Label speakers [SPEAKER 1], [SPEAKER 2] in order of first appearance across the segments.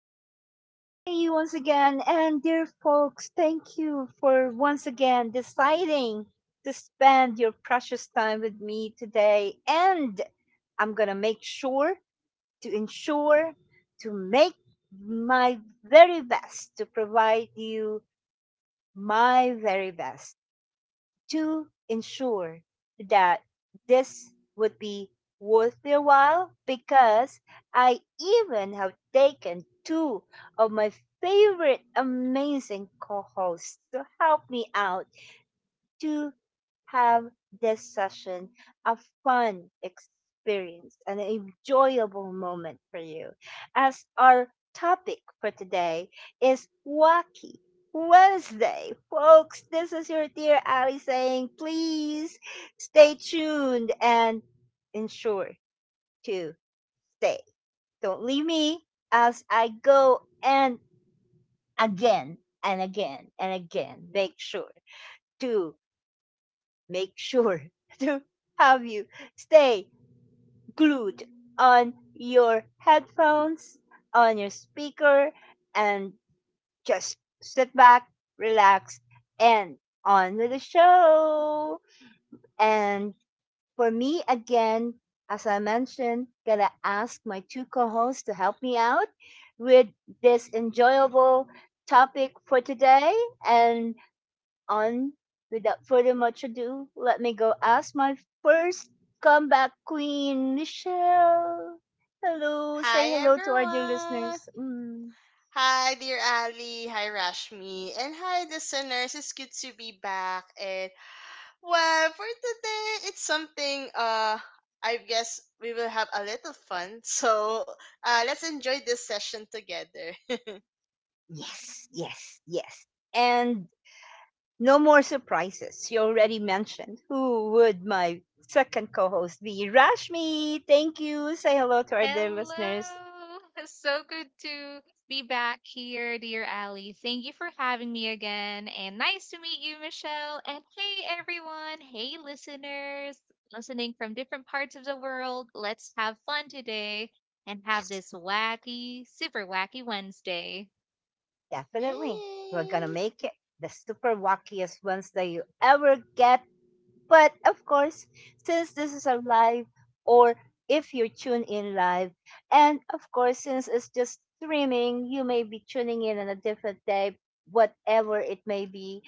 [SPEAKER 1] your dear Ari once again, and dear folks, thank you for once again deciding to spend your precious time with me today. And I'm gonna make sure to ensure to make my very best to my very best ensure that this would be worth their while because I even have taken two of my favorite amazing co hosts to help me out to have this session a fun experience, and an enjoyable moment for you, as our topic for today is wacky. Wednesday. Folks, this is your dear Ali saying, please stay tuned and ensure to stay. Don't leave me as I go and again and again and again. To make sure to have you stay glued on your headphones, on your speaker, and just sit back, relax, and on with the show. And for me, again, as I mentioned, gonna ask my two co-hosts to help me out with this enjoyable topic for today. And on, without further much ado, let me go ask my first comeback queen, Michelle. Hello,
[SPEAKER 2] Hi,
[SPEAKER 1] say hello to our dear
[SPEAKER 2] everyone.
[SPEAKER 1] listeners. Mm.
[SPEAKER 2] Hi, dear Ali. Hi, Rashmi. And hi, listeners. It's good to be back. And well, for today, it's something, I guess we will have a little fun. So, let's enjoy this session together.
[SPEAKER 1] Yes, yes, yes. And no more surprises. You already mentioned who would my second co host be? Rashmi, thank you. Say hello to our dear listeners.
[SPEAKER 3] Hello. It's so good to be back here, dear Ally. Thank you for having me again. And nice to meet you, Michelle. And hey, everyone. Hey, listeners listening from different parts of the world. Let's have fun today and have
[SPEAKER 1] Yes,
[SPEAKER 3] this wacky, super wacky Wednesday.
[SPEAKER 1] definitely. We're going to
[SPEAKER 2] Yay!
[SPEAKER 1] make it the super wackiest Wednesday you ever get. But of course, since this is a live, or if you tune in live, and of course, since it's just streaming, you may be tuning in on a different day, whatever it may be.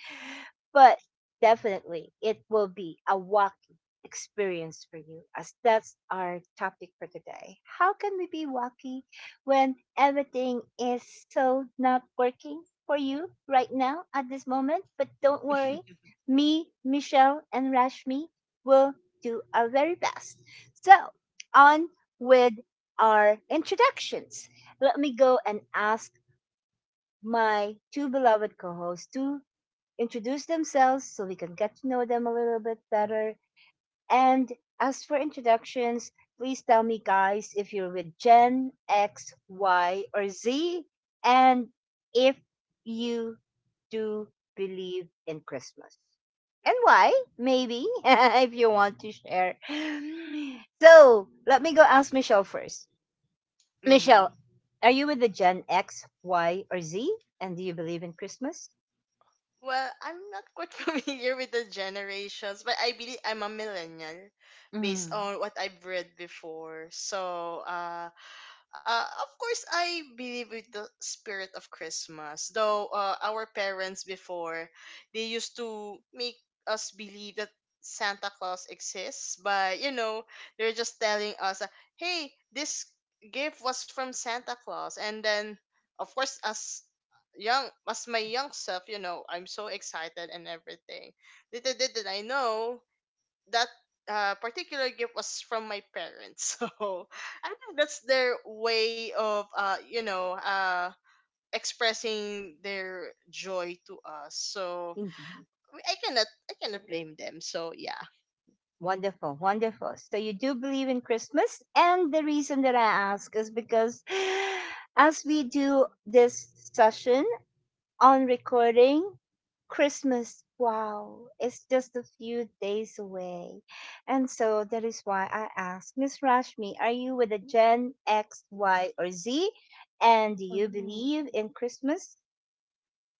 [SPEAKER 1] But definitely, it will be a wacky experience for you, as that's our topic for today. How can we be wacky when everything is so not working for you right now at this moment? But don't worry, me, Michelle, and Rashmi will do our very best. So, on with our introductions. Let me go and ask my two beloved co hosts to introduce themselves so we can get to know them a little bit better. And as for introductions, please tell me, guys, if you're with Gen X, Y, or Z, and if you do believe in Christmas. And why, maybe, if you want to share. So let me go ask Michelle first.
[SPEAKER 2] Mm-hmm.
[SPEAKER 1] Michelle, are you with the Gen X, Y, or Z? And do you believe in Christmas?
[SPEAKER 2] Well, I'm not quite familiar with the generations, but I believe I'm a millennial based
[SPEAKER 1] Mm,
[SPEAKER 2] on what I've read before. So, of course, I believe with the spirit of Christmas. Though our parents before, they used to make us believe that Santa Claus exists. But you know, they're just telling us, hey, this gift was from Santa Claus. And then, of course, as young as my young self, you know, I'm so excited and everything. Little did I know that particular gift was from my parents. So I think that's their way of you know, expressing their joy to us. So
[SPEAKER 1] indeed.
[SPEAKER 2] I cannot blame them. So yeah.
[SPEAKER 1] Wonderful, wonderful. So you do believe in Christmas, and the reason that I ask is because as we do this session on recording, Christmas, wow, it's just a few days away. And so that is why I ask, Miss Rashmi, are you with a Gen X, Y, or Z? And do you
[SPEAKER 3] Oh.
[SPEAKER 1] believe in Christmas?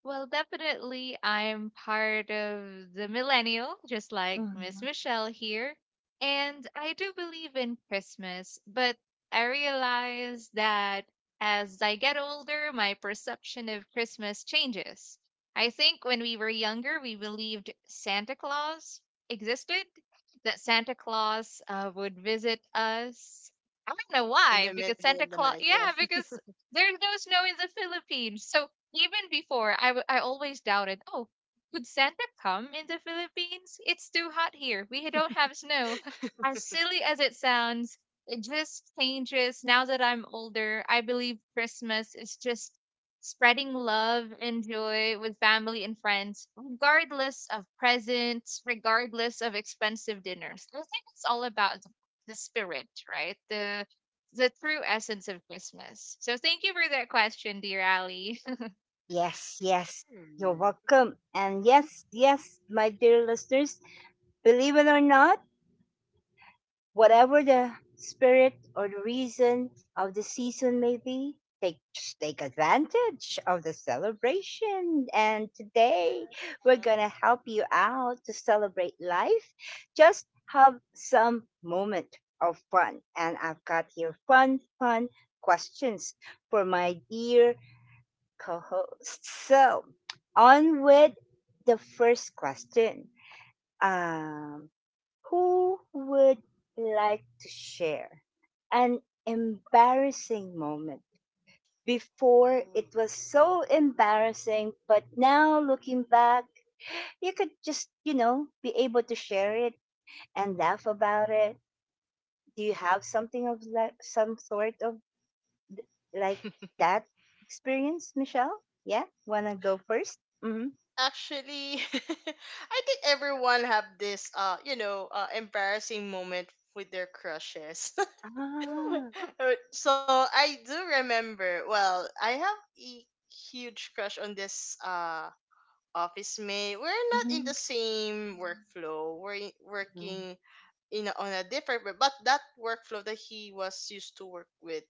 [SPEAKER 3] Well, definitely, I'm part of the millennial, just like Miss
[SPEAKER 1] Mhm.
[SPEAKER 3] Michelle here. And I do believe in Christmas, but I realize that as I get older, my perception of Christmas changes. I think when we were younger, we believed Santa Claus existed, that Santa Claus would visit us. I don't know
[SPEAKER 2] In
[SPEAKER 3] why,
[SPEAKER 2] the
[SPEAKER 3] because
[SPEAKER 2] middle of
[SPEAKER 3] Santa
[SPEAKER 2] the
[SPEAKER 3] Claus,
[SPEAKER 2] night, yeah.
[SPEAKER 3] yeah, because there's no snow in the Philippines. So even before, I always doubted, oh, could Santa come in the Philippines? It's too hot here. We don't have snow. As silly as it sounds, it just changes. Now that I'm older, I believe Christmas is just spreading love and joy with family and friends, regardless of presents, regardless of expensive dinners. I think it's all about the spirit, right? The true essence of Christmas. So thank you for that question, dear Ali.
[SPEAKER 1] Yes, yes. You're
[SPEAKER 2] Hmm.
[SPEAKER 1] welcome. And yes, yes, my dear listeners, believe it or not, whatever the spirit or the reason of the season may be, take, just take advantage of the celebration. And today we're
[SPEAKER 2] Yeah.
[SPEAKER 1] gonna help you out to celebrate life. Just have some moment of fun. And I've got here fun, fun questions for my dear co-host. So on with the first question. Um. Who would like to share an embarrassing moment? Before
[SPEAKER 2] Oh.
[SPEAKER 1] it was so embarrassing, but now looking back, you could just, you know, be able to share it and laugh about it. Do you have something of like some sort of like that experience, Michelle? Yeah, wanna go 1st. Mm-hmm.
[SPEAKER 2] Actually, I think everyone have this embarrassing moment with their crushes.
[SPEAKER 1] Ah.
[SPEAKER 2] So I do remember. Well, I have a huge crush on this office mate. We're not in the same workflow. Working on a different but that workflow that he was used to work with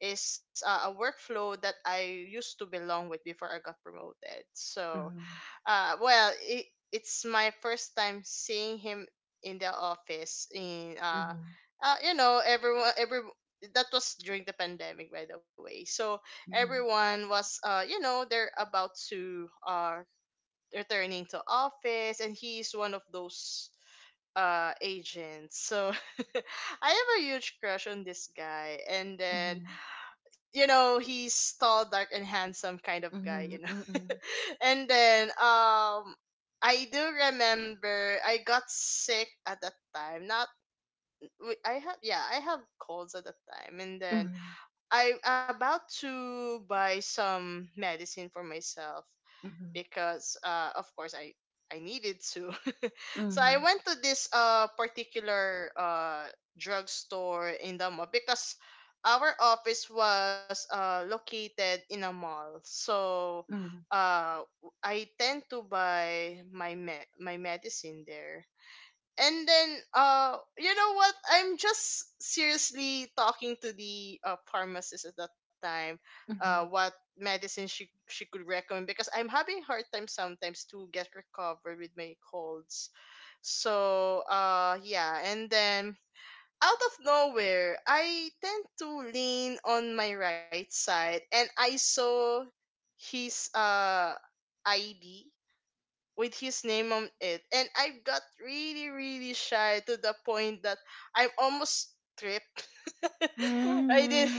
[SPEAKER 2] is a workflow that I used to belong with before I got promoted. So
[SPEAKER 1] Mm-hmm.
[SPEAKER 2] Uh, well, it, it's my first time seeing him in the office. In
[SPEAKER 1] Mm-hmm.
[SPEAKER 2] You know, everyone, every that was during the pandemic, by the way. So everyone was, you know, they're about to returning to office, and he's one of those agents. So I have a huge crush on this guy, and then
[SPEAKER 1] Mm-hmm.
[SPEAKER 2] you know he's tall, dark, and handsome kind of
[SPEAKER 1] Mm-hmm.
[SPEAKER 2] guy,
[SPEAKER 1] Mm-hmm.
[SPEAKER 2] you know.
[SPEAKER 1] Mm-hmm.
[SPEAKER 2] And then I do remember I got sick at that time. Not w- I have, yeah, I have colds at that time, and then I about to buy some medicine for myself because of course I needed to. So I went to this particular drugstore in the mall because our office was located in a mall. So
[SPEAKER 1] Mm-hmm.
[SPEAKER 2] uh I tend to buy my medicine there and then you know what, I'm just seriously talking to the pharmacist at that time
[SPEAKER 1] Mm-hmm.
[SPEAKER 2] what medicine she could recommend because I'm having hard time sometimes to get recovered with my colds. So yeah, and then out of nowhere I tend to lean on my right side and I saw his ID with his name on it. And I got really, really shy to the point that I'm almost tripped. I did.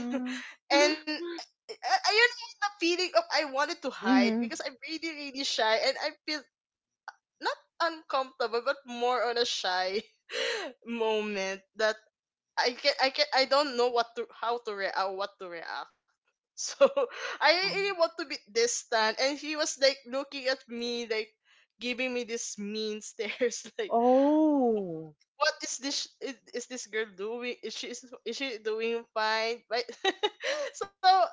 [SPEAKER 2] And I don't the feeling of I wanted to hide because I'm really, really shy and I feel not uncomfortable but more on a shy moment that I don't know what to how to react what to react. So I really want to be distant and he was like looking at me like giving me this mean stares like
[SPEAKER 1] Oh,
[SPEAKER 2] what is this girl doing, is she doing fine, right? So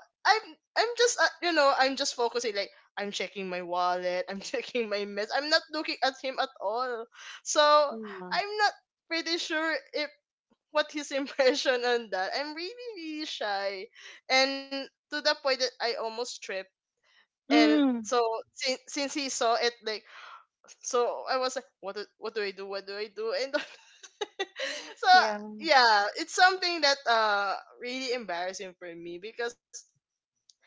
[SPEAKER 2] I'm I'm just you know, I'm just focusing, like I'm checking my wallet, I'm checking my mess, I'm not looking at him at all. So
[SPEAKER 1] hmm.
[SPEAKER 2] I'm not pretty sure if what his impression on that. I'm really, really shy. And to the point that I almost tripped. And
[SPEAKER 1] Mm,
[SPEAKER 2] so since he saw it, like, so I was like, what do I do? What do I do? And so
[SPEAKER 1] yeah,
[SPEAKER 2] yeah, it's something that really embarrassing for me because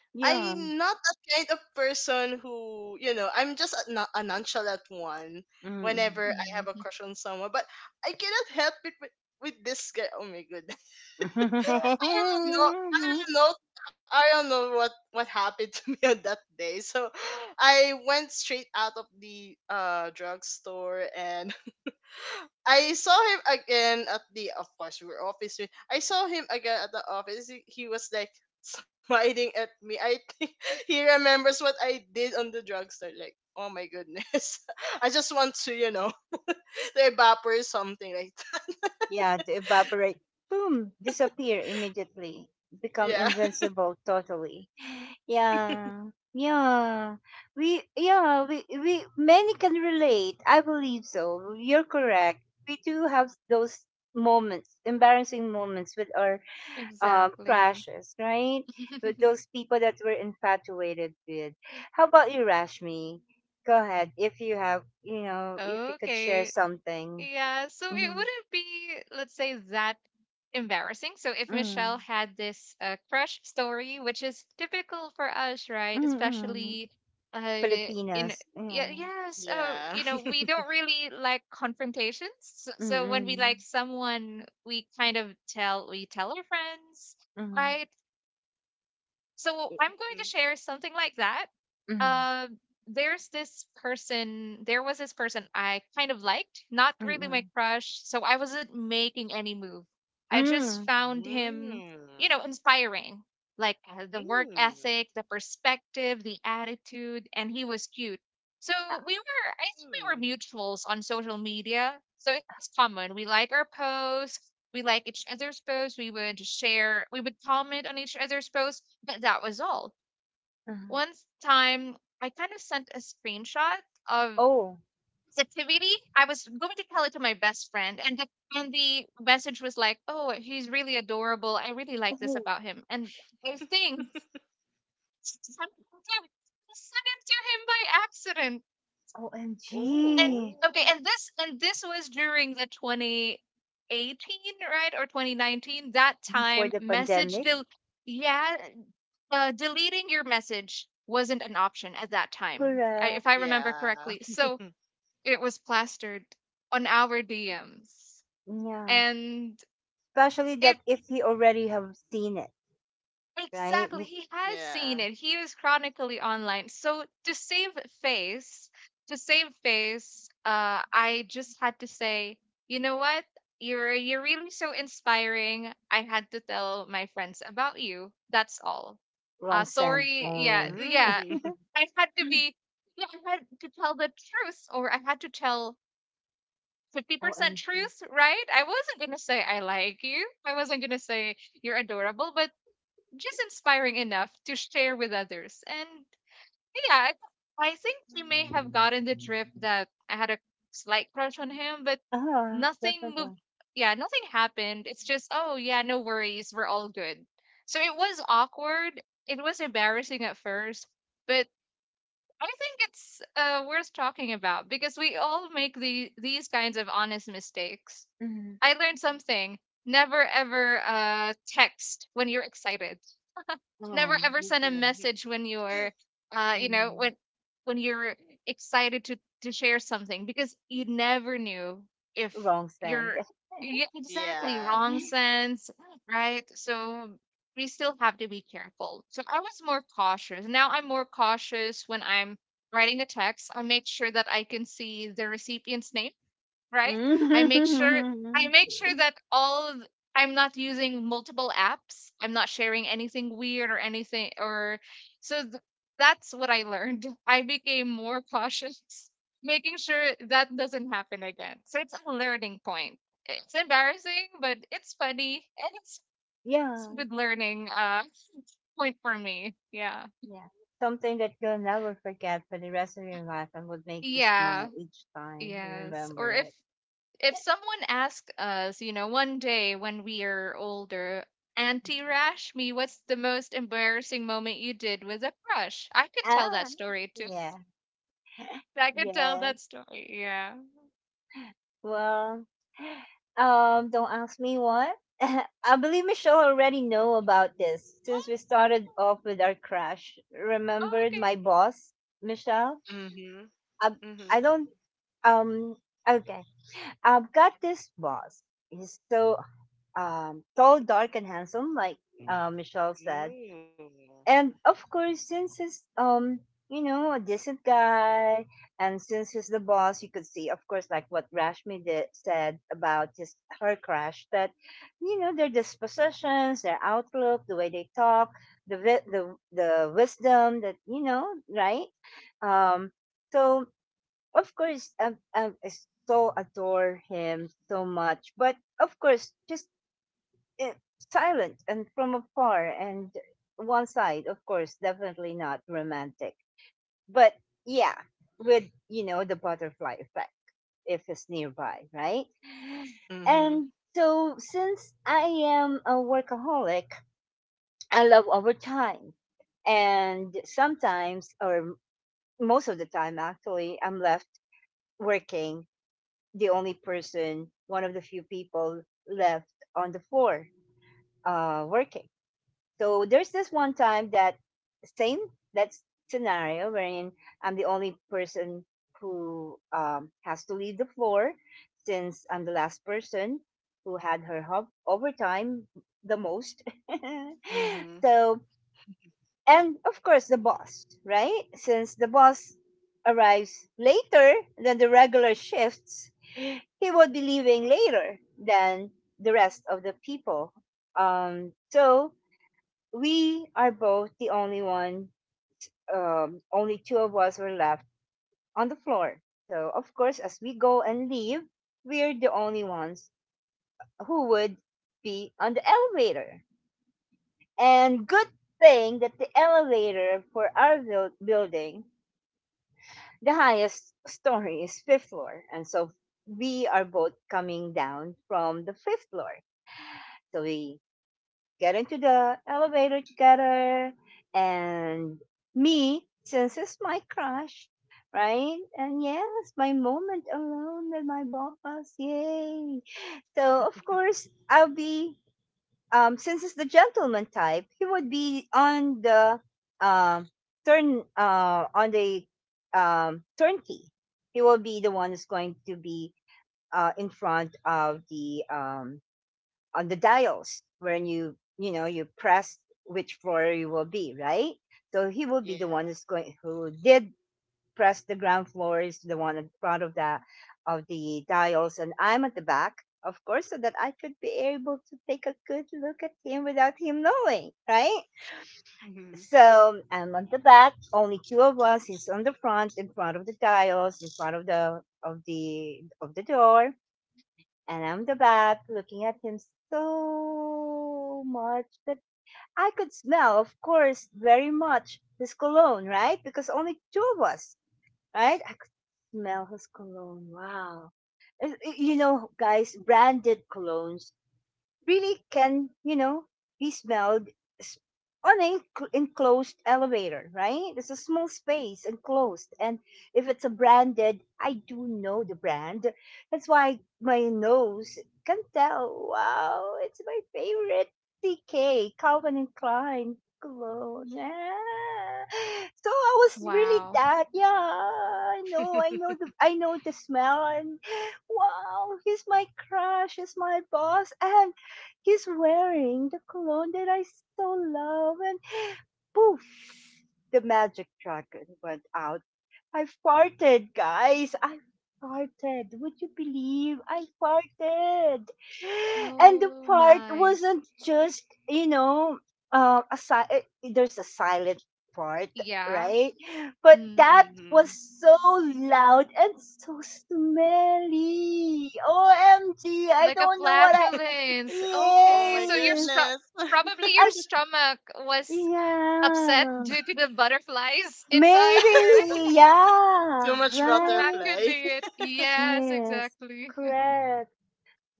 [SPEAKER 2] I'm
[SPEAKER 1] yeah,
[SPEAKER 2] not that kind of person who, you know, I'm just a, a nonchalant one
[SPEAKER 1] mm.
[SPEAKER 2] whenever I have a
[SPEAKER 3] Mm,
[SPEAKER 2] crush on someone. But I cannot help it with this guy. Oh my god. I don't know. I
[SPEAKER 1] Mm.
[SPEAKER 2] don't know. I don't know what happened to me on that day. So I went straight out of the drugstore and I saw him again at the, of course we were office mate. I saw him again at the office. He was like smiling at me. I think he remembers what I did on the drugstore. Like oh my goodness, I just want to you know to evaporate, something like that.
[SPEAKER 1] Yeah, to evaporate, boom, disappear immediately, become
[SPEAKER 2] Yeah.
[SPEAKER 1] invincible totally. Yeah, yeah. We, many can relate. I believe so. You're correct. We do have those moments, embarrassing moments with our
[SPEAKER 3] exactly.
[SPEAKER 1] crashes, right? With those people that we're infatuated with. How about you, Rashmi? Go ahead. If you have, you know, if you could share
[SPEAKER 3] Okay.
[SPEAKER 1] something.
[SPEAKER 3] Yeah, so it
[SPEAKER 1] Mm-hmm.
[SPEAKER 3] wouldn't be, let's say, that embarrassing. So if
[SPEAKER 1] Mm-hmm.
[SPEAKER 3] Michelle had this crush story, which is typical for us, right? Especially
[SPEAKER 1] Mm-hmm.
[SPEAKER 3] uh in
[SPEAKER 1] Filipinas.
[SPEAKER 3] yeah,
[SPEAKER 1] Yeah.
[SPEAKER 3] yes,
[SPEAKER 2] Yeah.
[SPEAKER 3] you know, we don't really like confrontations. So, when
[SPEAKER 1] Mm-hmm.
[SPEAKER 3] we like someone, we tell our friends,
[SPEAKER 1] Mm-hmm.
[SPEAKER 3] right? So I'm going to share something like that.
[SPEAKER 1] Mm-hmm.
[SPEAKER 3] Um, there's this person, there was this person I kind of liked, not really
[SPEAKER 1] Mm-hmm.
[SPEAKER 3] my crush. So I wasn't making any move. I
[SPEAKER 1] Mm-hmm.
[SPEAKER 3] just found him, you
[SPEAKER 2] Mm.
[SPEAKER 3] know, inspiring. Like the work
[SPEAKER 2] Mm.
[SPEAKER 3] ethic, the perspective, the attitude, and he was cute. So we were, I think we were
[SPEAKER 2] Mm.
[SPEAKER 3] mutuals on social media. So it's common. We like each other's posts, we would share, we would comment on each other's posts, but that was all.
[SPEAKER 1] Uh, uh-huh.
[SPEAKER 3] One time I kind of sent a screenshot of
[SPEAKER 1] Oh.
[SPEAKER 3] this activity. I was going to tell it to my best friend, and and the message was like, oh, he's really adorable, I really like this
[SPEAKER 1] Oh.
[SPEAKER 3] about him. And I think I sent it to him by accident. And
[SPEAKER 1] OMG.
[SPEAKER 2] Oh.
[SPEAKER 3] okay, and this was during the 2018, right? Or 2019. That
[SPEAKER 1] Before
[SPEAKER 3] time
[SPEAKER 1] the
[SPEAKER 3] message
[SPEAKER 1] pandemic.
[SPEAKER 3] del yeah, deleting your message wasn't an option at that time. If I
[SPEAKER 1] Correct.
[SPEAKER 3] remember
[SPEAKER 2] Yeah.
[SPEAKER 3] correctly. So it was plastered on our DMs.
[SPEAKER 1] Yeah.
[SPEAKER 3] And
[SPEAKER 1] Especially
[SPEAKER 3] it
[SPEAKER 1] that if you already have seen it, right?
[SPEAKER 3] Exactly.
[SPEAKER 1] You
[SPEAKER 3] He has
[SPEAKER 2] Yeah.
[SPEAKER 3] seen it. He is chronically online. So to save face, I just had to say, you know what? You're really so inspiring. I had to tell my friends about you. That's all.
[SPEAKER 1] wrong scent
[SPEAKER 3] Sorry. Yeah,
[SPEAKER 1] only.
[SPEAKER 3] yeah.
[SPEAKER 2] Mm.
[SPEAKER 3] I had to
[SPEAKER 1] Mm.
[SPEAKER 3] be. Yeah, I had to tell the truth, or I had to tell 50%
[SPEAKER 1] OMG.
[SPEAKER 3] truth, right? I wasn't gonna say I like you. I wasn't gonna say you're adorable, but just inspiring enough to share with others. And yeah, I think he may have
[SPEAKER 1] Mm.
[SPEAKER 3] gotten the drift that I had a slight crush on him, but
[SPEAKER 1] Ah,
[SPEAKER 3] nothing
[SPEAKER 1] definitely.
[SPEAKER 3] moved. Yeah, nothing happened. It's just, oh, yeah, no worries. We're all good. So it was awkward. It was embarrassing at first, but I think it's worth talking about because we all make these kinds of honest mistakes.
[SPEAKER 1] Mhm.
[SPEAKER 3] I learned something. Never ever text when you're excited. Never
[SPEAKER 1] Oh,
[SPEAKER 3] ever send a
[SPEAKER 1] different.
[SPEAKER 3] message when you know,
[SPEAKER 1] Mm.
[SPEAKER 3] when you're excited to share something because you never knew if
[SPEAKER 1] Wrong scent.
[SPEAKER 3] you're yeah, exactly,
[SPEAKER 2] Yeah.
[SPEAKER 3] wrong sense, right? So we still have to be careful. So I was more cautious. Now I'm more cautious when I'm writing a text. I make sure that I can see the recipient's name, right? I make sure I
[SPEAKER 1] Mhm.
[SPEAKER 3] make sure that I'm not using multiple apps. I'm not sharing anything weird or anything or so th- that's what I learned. I became more cautious, making sure that doesn't happen again. So it's a learning point. It's embarrassing, but it's funny and it's
[SPEAKER 1] Yeah,
[SPEAKER 3] a good learning point for me. Yeah.
[SPEAKER 1] yeah. Something that you'll never forget for the rest of your life and would make you smile
[SPEAKER 3] Yeah.
[SPEAKER 1] each time you
[SPEAKER 3] Yes.
[SPEAKER 1] remember
[SPEAKER 3] Or
[SPEAKER 1] it.
[SPEAKER 3] if someone asked us, you know, one day when we are older, Auntie Rashmi, what's the most embarrassing moment you did with a crush? I could tell that
[SPEAKER 1] Ah,
[SPEAKER 3] story too.
[SPEAKER 1] yeah,
[SPEAKER 3] I could tell
[SPEAKER 1] yeah.
[SPEAKER 3] that story. Yeah.
[SPEAKER 1] Well, don't ask me what. I believe Michelle already know about this since we
[SPEAKER 3] Oh,
[SPEAKER 1] started off with our crash. Remembered my
[SPEAKER 3] okay.
[SPEAKER 1] boss, Michelle?
[SPEAKER 2] Mhm.
[SPEAKER 1] I, I
[SPEAKER 2] Mhm.
[SPEAKER 1] don't, um, okay. I've got this boss. He's so, tall, dark, and handsome, like, Michelle said,
[SPEAKER 2] Ooh.
[SPEAKER 1] and of course since he's you know a decent guy, and since he's the boss you could see, of course, like what Rashmi did, said about his, her crush, that you know their dispositions, their outlook, the way they talk, the the wisdom, that you know, right. Um so of course I so adore him so much, but of course just, eh, silent and from afar, and one side, of course, definitely not romantic. But yeah, with you know the butterfly effect if it's nearby, right.
[SPEAKER 2] Mhm.
[SPEAKER 1] And so since I am a workaholic, I love overtime. And sometimes, or most of the time actually, I'm left working, the only person, one of the few people left on the floor, working. So there's this one time that same that scenario wherein I'm the only person who has to leave the floor since I'm the last person who had her overtime the most.
[SPEAKER 2] Mhm.
[SPEAKER 1] So, and of course the boss, right? Since the boss arrives later than the regular shifts, he would be leaving later than the rest of the people. So we are both the only one, only two of us were left on the floor. So, of course, as we go and leave, we're the only ones who would be on the elevator. And good thing that the elevator for our building, the highest story is fifth floor. And so we are both coming down from the fifth floor. So we get into the elevator together. And me, since it's my crush, right? And yes, my moment alone with my boss. Yay. So, of course, I'll be, since it's the gentleman type, he would be on the um, turn, uh, on the turnkey. He will be the one who's going to be in front of the on the dials, when you know, you press which floor you will be, right. So he will be the
[SPEAKER 2] Yeah.
[SPEAKER 1] one that's going, who did press the ground floor, is the one in front of the dials, and I'm at the back, of course, so that I could be able to take a good look at him without him knowing, right.
[SPEAKER 2] Mhm.
[SPEAKER 1] So I'm on the back, only two of us, he's on the front, in front of the dials, in front of the door. And I'm the back looking at him so much that I could smell, of course, very much his cologne, right? Because only two of us, right? I could smell his cologne. Wow. Is- You know, guys, branded colognes really can, you know, be smelled s- on an enclosed elevator, right? It's a small space, enclosed. And if it's a branded, I do know the brand. That's why my nose can tell, wow, it's my favorite TK, Calvin and Klein cologne. Ah. So I was really
[SPEAKER 3] Wow.
[SPEAKER 1] that, yeah, I know the smell. And wow, he's my crush, he's my boss. I He's wearing the cologne that I so love, and poof, the magic dragon went out. I farted, guys. I farted. Would you believe I farted? And the
[SPEAKER 3] Oh
[SPEAKER 1] fart
[SPEAKER 3] my.
[SPEAKER 1] wasn't just, you know, there's a silent fart,
[SPEAKER 3] Yeah.
[SPEAKER 1] right? But
[SPEAKER 3] Mm.
[SPEAKER 1] that was
[SPEAKER 2] Mhm.
[SPEAKER 1] so loud and so smelly. OMG, I
[SPEAKER 3] Like a
[SPEAKER 1] don't know what I.
[SPEAKER 3] flatulence.
[SPEAKER 2] Oh
[SPEAKER 3] Okay.
[SPEAKER 2] my
[SPEAKER 1] Yes.
[SPEAKER 2] goodness.
[SPEAKER 3] Probably your
[SPEAKER 1] I
[SPEAKER 3] stomach was upset
[SPEAKER 1] yeah.
[SPEAKER 3] due to the butterflies inside,
[SPEAKER 1] Maybe
[SPEAKER 3] right?
[SPEAKER 2] Too
[SPEAKER 1] yeah,
[SPEAKER 2] much
[SPEAKER 3] So that
[SPEAKER 1] right?
[SPEAKER 3] could
[SPEAKER 2] butterfly.
[SPEAKER 3] be it. Yes,
[SPEAKER 1] Yes.
[SPEAKER 3] exactly.
[SPEAKER 1] Correct.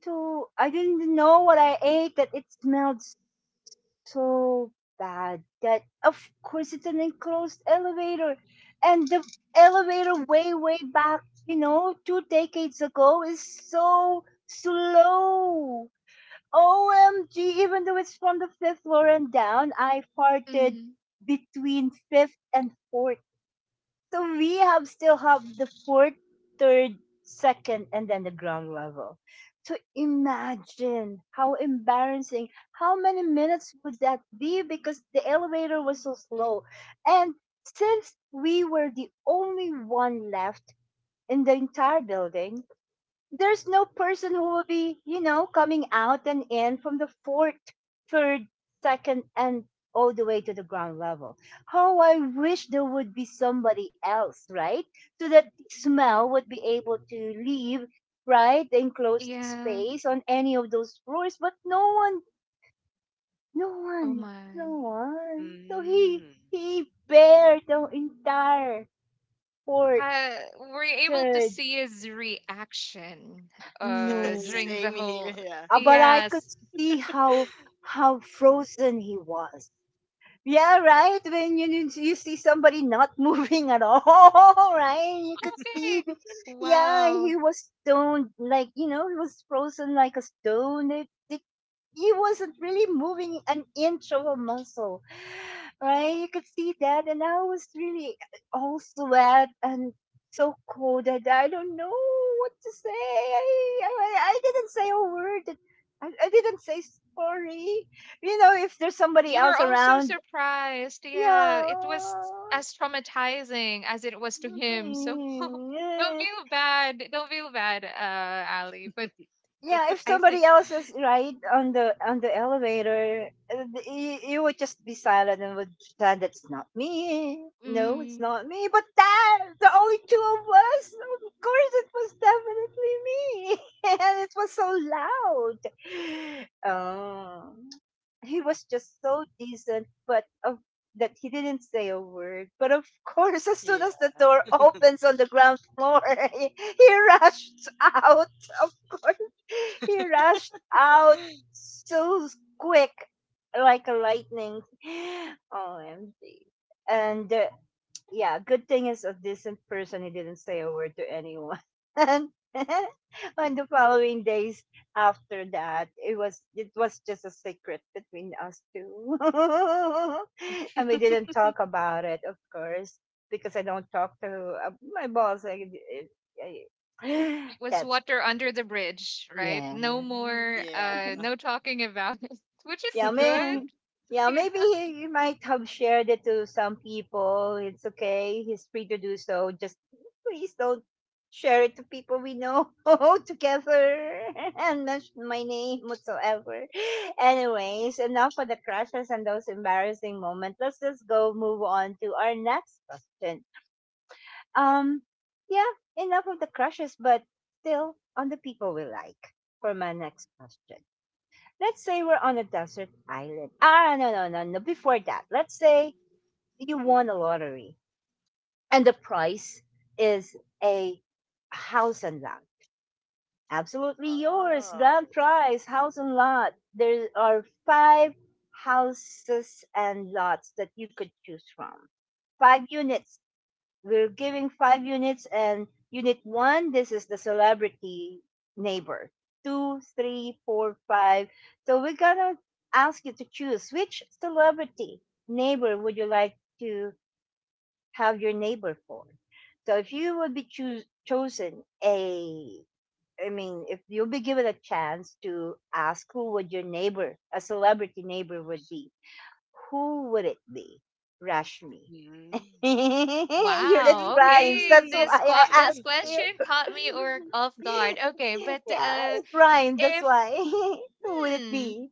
[SPEAKER 1] So I didn't know what I ate that it smelled so bad. That of course it's an enclosed elevator, and the elevator way way back, you know, two decades ago, is so slow. OMG, even though it's from the fifth floor and down, I farted
[SPEAKER 3] Mhm.
[SPEAKER 1] between fifth and fourth. So we have still have the fourth, third, second, and then the ground level. So imagine how embarrassing. How many minutes would that be? Because the elevator was so slow. And since we were the only one left in the entire building, there's no person who will be, you know, coming out and in from the fourth, third, second, and all the way to the ground level. How I wish there would be somebody else, right? So that the smell would be able to leave, right, the enclosed
[SPEAKER 3] Yeah.
[SPEAKER 1] space on any of those floors. But no one, no
[SPEAKER 3] Oh
[SPEAKER 1] one, no
[SPEAKER 3] my.
[SPEAKER 1] one. So he
[SPEAKER 2] Mm.
[SPEAKER 1] he bared the entire fourth,
[SPEAKER 3] Uh, we're able to
[SPEAKER 1] third.
[SPEAKER 3] see his reaction
[SPEAKER 1] No.
[SPEAKER 3] during
[SPEAKER 2] Same
[SPEAKER 3] the
[SPEAKER 2] here.
[SPEAKER 3] whole
[SPEAKER 2] Yeah.
[SPEAKER 1] But I could
[SPEAKER 3] yes.
[SPEAKER 1] see how frozen he was. Yeah, right. When you see somebody not moving at all, right? You could see.
[SPEAKER 3] Okay.
[SPEAKER 1] Yeah, he
[SPEAKER 3] Wow.
[SPEAKER 1] was stone like he was frozen like a stone. They he wasn't really moving an inch of a muscle, right? You could see that, and I was really all sweat and so cold that I don't know what to say. I didn't say a word. I didn't say sorry. You know, if there's somebody
[SPEAKER 3] You were
[SPEAKER 1] else
[SPEAKER 3] also
[SPEAKER 1] around,
[SPEAKER 3] surprised. Yeah, it was
[SPEAKER 1] yeah.
[SPEAKER 3] as traumatizing as it was to him. So don't feel bad. Don't feel bad, Ali. But
[SPEAKER 1] Yeah, if
[SPEAKER 3] I
[SPEAKER 1] somebody
[SPEAKER 3] think
[SPEAKER 1] else is right on the elevator, you would just be silent and would pretend, "That's not me. No, it's not me." But that the only two of us. Of course, it was definitely me, and it was so loud. Oh, he was just so decent, but of that he didn't say a word. But of course, as soon
[SPEAKER 2] Yeah.
[SPEAKER 1] as the door opens on the ground floor, he rushed out. Of course he rushed out so quick, like a lightning. OMG. And yeah, good thing is a decent person. He didn't say a word to anyone. And on the following days after that, it was just a secret between us two, and we didn't talk about it, of course, because I don't talk to my boss. I,
[SPEAKER 3] was
[SPEAKER 1] that's
[SPEAKER 3] water under the bridge, right?
[SPEAKER 1] yeah.
[SPEAKER 3] No more,
[SPEAKER 2] Yeah.
[SPEAKER 3] no talking about it, which is
[SPEAKER 1] Yeah,
[SPEAKER 3] good.
[SPEAKER 1] may, yeah,
[SPEAKER 3] Yeah.
[SPEAKER 1] maybe he might have shared it to some people. It's okay. He's free to do so. Just please don't share it to people we know together and mention my name whatsoever. Anyways, enough of the crashes and those embarrassing moments. Let's just go move on to our next question. Um, yeah, enough of the crushes, but still on the people we like for my next question. Let's say we're on a desert island. Ah, No, no, no, no. Before that, let's say you
[SPEAKER 2] Ooh.
[SPEAKER 1] won a lottery and the prize is a house and lot. Absolutely yours.
[SPEAKER 2] Oh.
[SPEAKER 1] Grand prize, house and lot. There are five houses and lots that you could choose from, five units, we're giving five units, and unit one, this is the celebrity neighbor. Two, three, four, five. So we're gonna ask you to choose which celebrity neighbor would you like to have your neighbor for. So if you would be choos chosen a, I mean, if you'll be given a chance to ask who would your neighbor, a celebrity neighbor would be, who would it be? Rashmi.
[SPEAKER 2] Mm.
[SPEAKER 1] Your it
[SPEAKER 3] Wow.
[SPEAKER 1] rhymes.
[SPEAKER 3] Okay.
[SPEAKER 1] That's why I asked
[SPEAKER 3] This
[SPEAKER 1] you.
[SPEAKER 3] question caught me or off guard. Okay, but
[SPEAKER 1] Yeah, it rhymes. That's
[SPEAKER 3] if
[SPEAKER 1] why. Who would it
[SPEAKER 3] hmm,
[SPEAKER 1] be?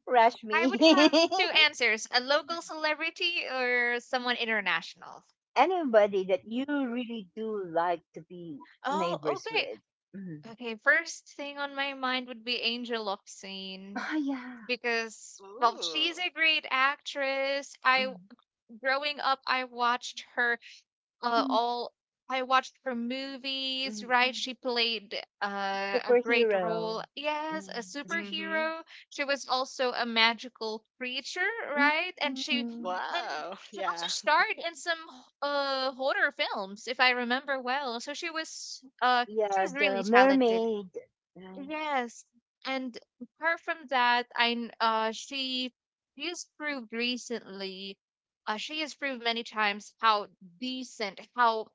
[SPEAKER 3] I
[SPEAKER 1] Rashmi.
[SPEAKER 3] would have two answers: a local celebrity or someone international.
[SPEAKER 1] Anybody that you really do like to be
[SPEAKER 3] Oh,
[SPEAKER 1] neighbors
[SPEAKER 3] okay.
[SPEAKER 1] with. Mm.
[SPEAKER 3] Okay. First thing on my mind would be Angel Lopsine
[SPEAKER 1] Oh yeah.
[SPEAKER 3] because, well, she's
[SPEAKER 2] Ooh.
[SPEAKER 3] a great actress. I
[SPEAKER 1] Mm.
[SPEAKER 3] growing up, I watched her
[SPEAKER 1] Mm,
[SPEAKER 3] all. I watched her movies,
[SPEAKER 1] mm,
[SPEAKER 3] right?
[SPEAKER 1] mm.
[SPEAKER 3] She played a great
[SPEAKER 1] Superhero.
[SPEAKER 3] role. Yes, a
[SPEAKER 1] Mm.
[SPEAKER 2] Mm-hmm.
[SPEAKER 3] superhero. She was also a magical creature,
[SPEAKER 1] Mm,
[SPEAKER 3] right? And
[SPEAKER 1] mm, mm.
[SPEAKER 3] and
[SPEAKER 2] Wow.
[SPEAKER 3] she also
[SPEAKER 2] Yeah.
[SPEAKER 3] starred in some horror films, if I remember well. So she
[SPEAKER 1] Yeah,
[SPEAKER 3] was really
[SPEAKER 1] the
[SPEAKER 3] talented.
[SPEAKER 1] mermaid. Right.
[SPEAKER 3] Yes, and apart from that, I kn- she has proved recently, she has proved many times how decent,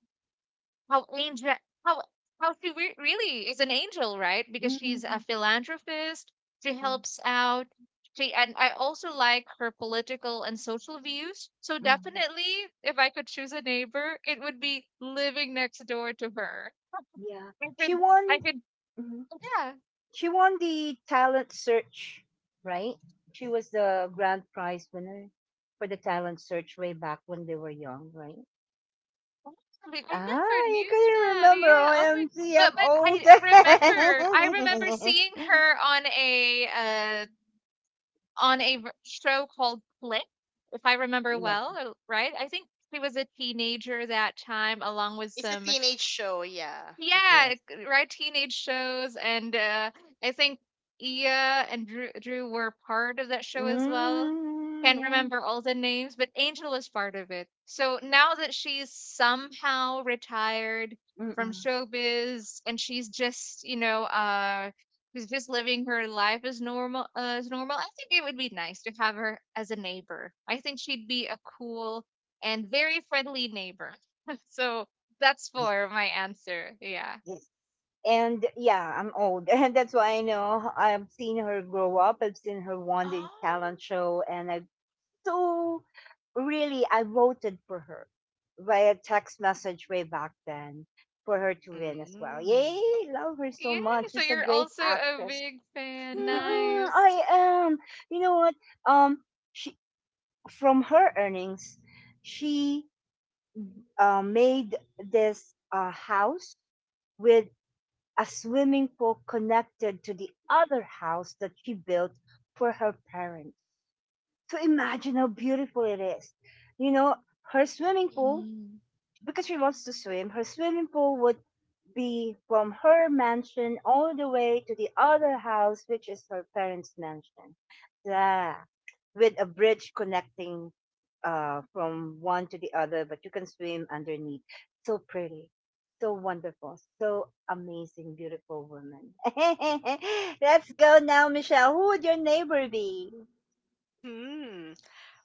[SPEAKER 3] how angel, how how she re really is an angel, right? Because
[SPEAKER 1] Mm,
[SPEAKER 3] she's a
[SPEAKER 1] mm,
[SPEAKER 3] philanthropist, she
[SPEAKER 1] mm,
[SPEAKER 3] helps out. She and I also like her political and social views. So
[SPEAKER 1] mm.
[SPEAKER 3] definitely, if I could choose a neighbor, it would be living next door to her.
[SPEAKER 1] Yeah,
[SPEAKER 3] I
[SPEAKER 1] she
[SPEAKER 3] could, I
[SPEAKER 1] won.
[SPEAKER 3] could,
[SPEAKER 1] Mm-hmm.
[SPEAKER 3] yeah.
[SPEAKER 1] She won the talent search, right? She was the grand prize winner for the talent search way back when they were young, right?
[SPEAKER 3] Really? I
[SPEAKER 1] Ah,
[SPEAKER 3] never
[SPEAKER 1] you
[SPEAKER 3] knew
[SPEAKER 1] couldn't
[SPEAKER 3] that.
[SPEAKER 1] remember.
[SPEAKER 3] Yeah. Oh my god.
[SPEAKER 1] OMG, I'm
[SPEAKER 3] But
[SPEAKER 1] old.
[SPEAKER 3] I remember seeing her on a uh show called Click, if I remember
[SPEAKER 1] Yeah,
[SPEAKER 3] well, right? I think she was a teenager that time along with
[SPEAKER 2] It's a
[SPEAKER 3] some
[SPEAKER 2] teenage show, yeah.
[SPEAKER 1] yes.
[SPEAKER 3] right. Teenage shows, and I think Ia and Drew were part of that show as well.
[SPEAKER 1] Mm,
[SPEAKER 3] Can't
[SPEAKER 1] yeah.
[SPEAKER 3] remember all the names, but Angel was part of it. So now that she's somehow retired from
[SPEAKER 1] Mm-mm.
[SPEAKER 3] showbiz, and she's just, you know, she's just living her life as normal. I think it would be nice to have her as a neighbor. I think she'd be a cool and very friendly neighbor. So that's
[SPEAKER 1] Yes,
[SPEAKER 3] for my answer. Yeah.
[SPEAKER 1] yes. And yeah, I'm old. And that's why I know I've seen her grow up. I've seen her won the
[SPEAKER 3] Oh,
[SPEAKER 1] talent show and I so really, I voted for her via text message way back then for her to win as well.
[SPEAKER 2] Mm.
[SPEAKER 1] Yay, love her
[SPEAKER 3] yeah.
[SPEAKER 1] so much.
[SPEAKER 3] So
[SPEAKER 1] She's a
[SPEAKER 3] you're
[SPEAKER 1] great
[SPEAKER 3] also a
[SPEAKER 1] actress.
[SPEAKER 3] big fan.
[SPEAKER 1] Mm-mm,
[SPEAKER 3] Nice.
[SPEAKER 1] I am. You know what? Um, she from her earnings, she made this house with a swimming pool connected to the other house that she built for her parents, so imagine how beautiful it is. You know, her swimming pool,
[SPEAKER 3] Mm,
[SPEAKER 1] because she loves to swim, her swimming pool would be from her mansion all the way to the other house, which is her parents' mansion. Yeah, with a bridge connecting from one to the other, but you can swim underneath. So pretty. So wonderful, so amazing, beautiful woman. Let's go now, Michelle. Who would your neighbor be?
[SPEAKER 2] Hmm.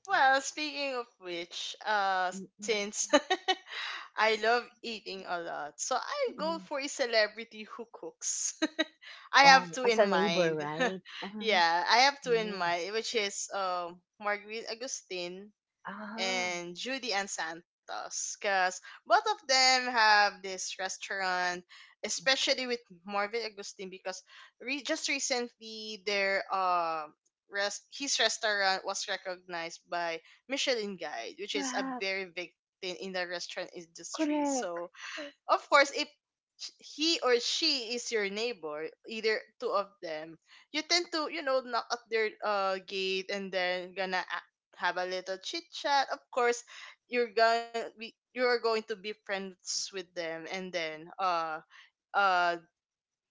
[SPEAKER 2] Well, speaking of which, since I love eating a lot, so I go for a celebrity who cooks. I have
[SPEAKER 1] Oh,
[SPEAKER 2] two
[SPEAKER 1] as a
[SPEAKER 2] in
[SPEAKER 1] neighbor,
[SPEAKER 2] mind.
[SPEAKER 1] right? Ah,
[SPEAKER 2] Yeah, I have two in
[SPEAKER 1] mm.
[SPEAKER 2] mind, which is Marguerite Agustin
[SPEAKER 1] Ah,
[SPEAKER 2] and Judy and Santos because both of them have this restaurant, especially with Marvin Agustin because just recently their rest his restaurant was recognized by Michelin Guide, which is a
[SPEAKER 1] crap.
[SPEAKER 2] very big thing in the restaurant industry.
[SPEAKER 1] Correct.
[SPEAKER 2] So of course, if he or she is your neighbor, either two of them, you tend to, you know, knock at their gate and then have a little chit chat. Of course, you are going to be friends with them and then uh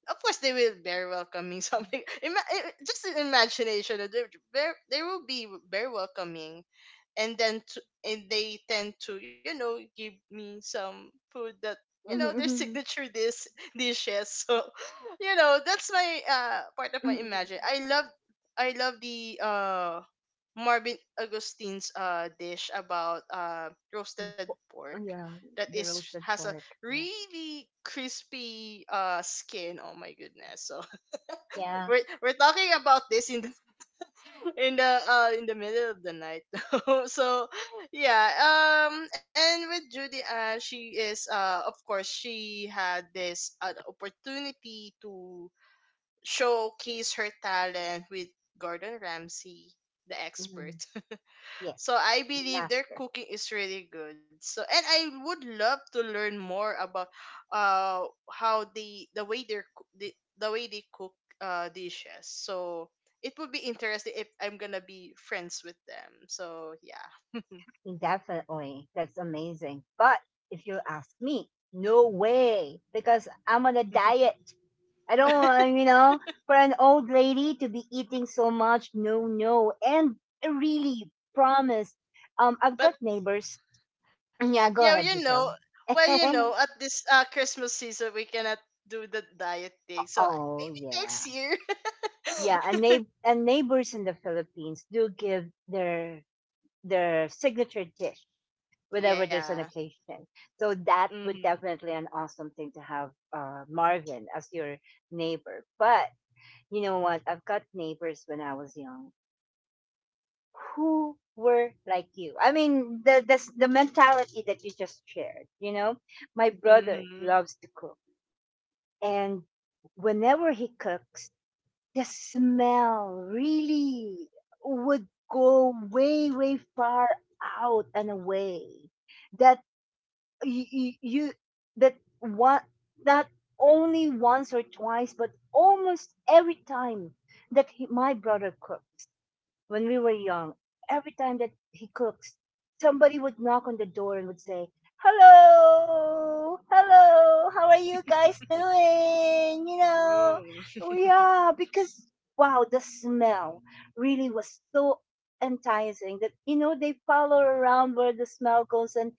[SPEAKER 2] of course they will very welcoming something just in imagination, they will be very welcoming and then and they tend to, you know, give me some food that you know their
[SPEAKER 1] Mm-hmm.
[SPEAKER 2] signature dish dishes. So you know that's my part of my
[SPEAKER 1] Mm-hmm.
[SPEAKER 2] imagine. I love the Marvin Augustine's dish about roasted pork
[SPEAKER 1] Oh, yeah,
[SPEAKER 2] that
[SPEAKER 1] the
[SPEAKER 2] is
[SPEAKER 1] roasted
[SPEAKER 2] has a
[SPEAKER 1] pork. Yeah.
[SPEAKER 2] really crispy skin, oh my goodness. So
[SPEAKER 1] Yeah.
[SPEAKER 2] we're talking about this in the middle of the night. So yeah. And with Judy, she is, of course she had this opportunity to showcase her talent with Gordon Ramsay, the expert.
[SPEAKER 1] Mm-hmm. Yes,
[SPEAKER 2] So I
[SPEAKER 1] the
[SPEAKER 2] believe their
[SPEAKER 1] master.
[SPEAKER 2] cooking is really good. So and I would love to learn more about uh how the, the way they cook dishes. So it would be interesting if I'm gonna be friends with them. So yeah.
[SPEAKER 1] Definitely. That's amazing. But if you ask me, no way, because I'm on a diet. I don't want, you know, for an old lady to be eating so much. No, no. And I really promise. I've
[SPEAKER 2] But
[SPEAKER 1] got neighbors. Yeah,
[SPEAKER 2] yeah,
[SPEAKER 1] go
[SPEAKER 2] you
[SPEAKER 1] ahead,
[SPEAKER 2] know,
[SPEAKER 1] Michelle.
[SPEAKER 2] well, you know, at this Christmas season we cannot do the diet thing. So
[SPEAKER 1] Oh
[SPEAKER 2] maybe next
[SPEAKER 1] yeah,
[SPEAKER 2] year.
[SPEAKER 1] yeah. And, and neighbors in the Philippines do give their signature dish whenever there's
[SPEAKER 2] Yeah.
[SPEAKER 1] an occasion. So that would
[SPEAKER 2] Mhm.
[SPEAKER 1] definitely an awesome thing to have Marvin as your neighbor. But you know what? I've got neighbors when I was young who were like you. I mean, the the mentality that you just shared. You know, my brother
[SPEAKER 2] Mhm.
[SPEAKER 1] loves to cook, and whenever he cooks the smell really would go way way far out and away that you that one, not only once or twice but almost every time that he, my brother cooks when we were young, every time that he cooks, somebody would knock on the door and would say, "Hello, hello, how are you guys doing?" You know,
[SPEAKER 2] Ooh.
[SPEAKER 1] "Oh, yeah, because wow, the smell really was so enticing that, you know, they follow around where the smell goes and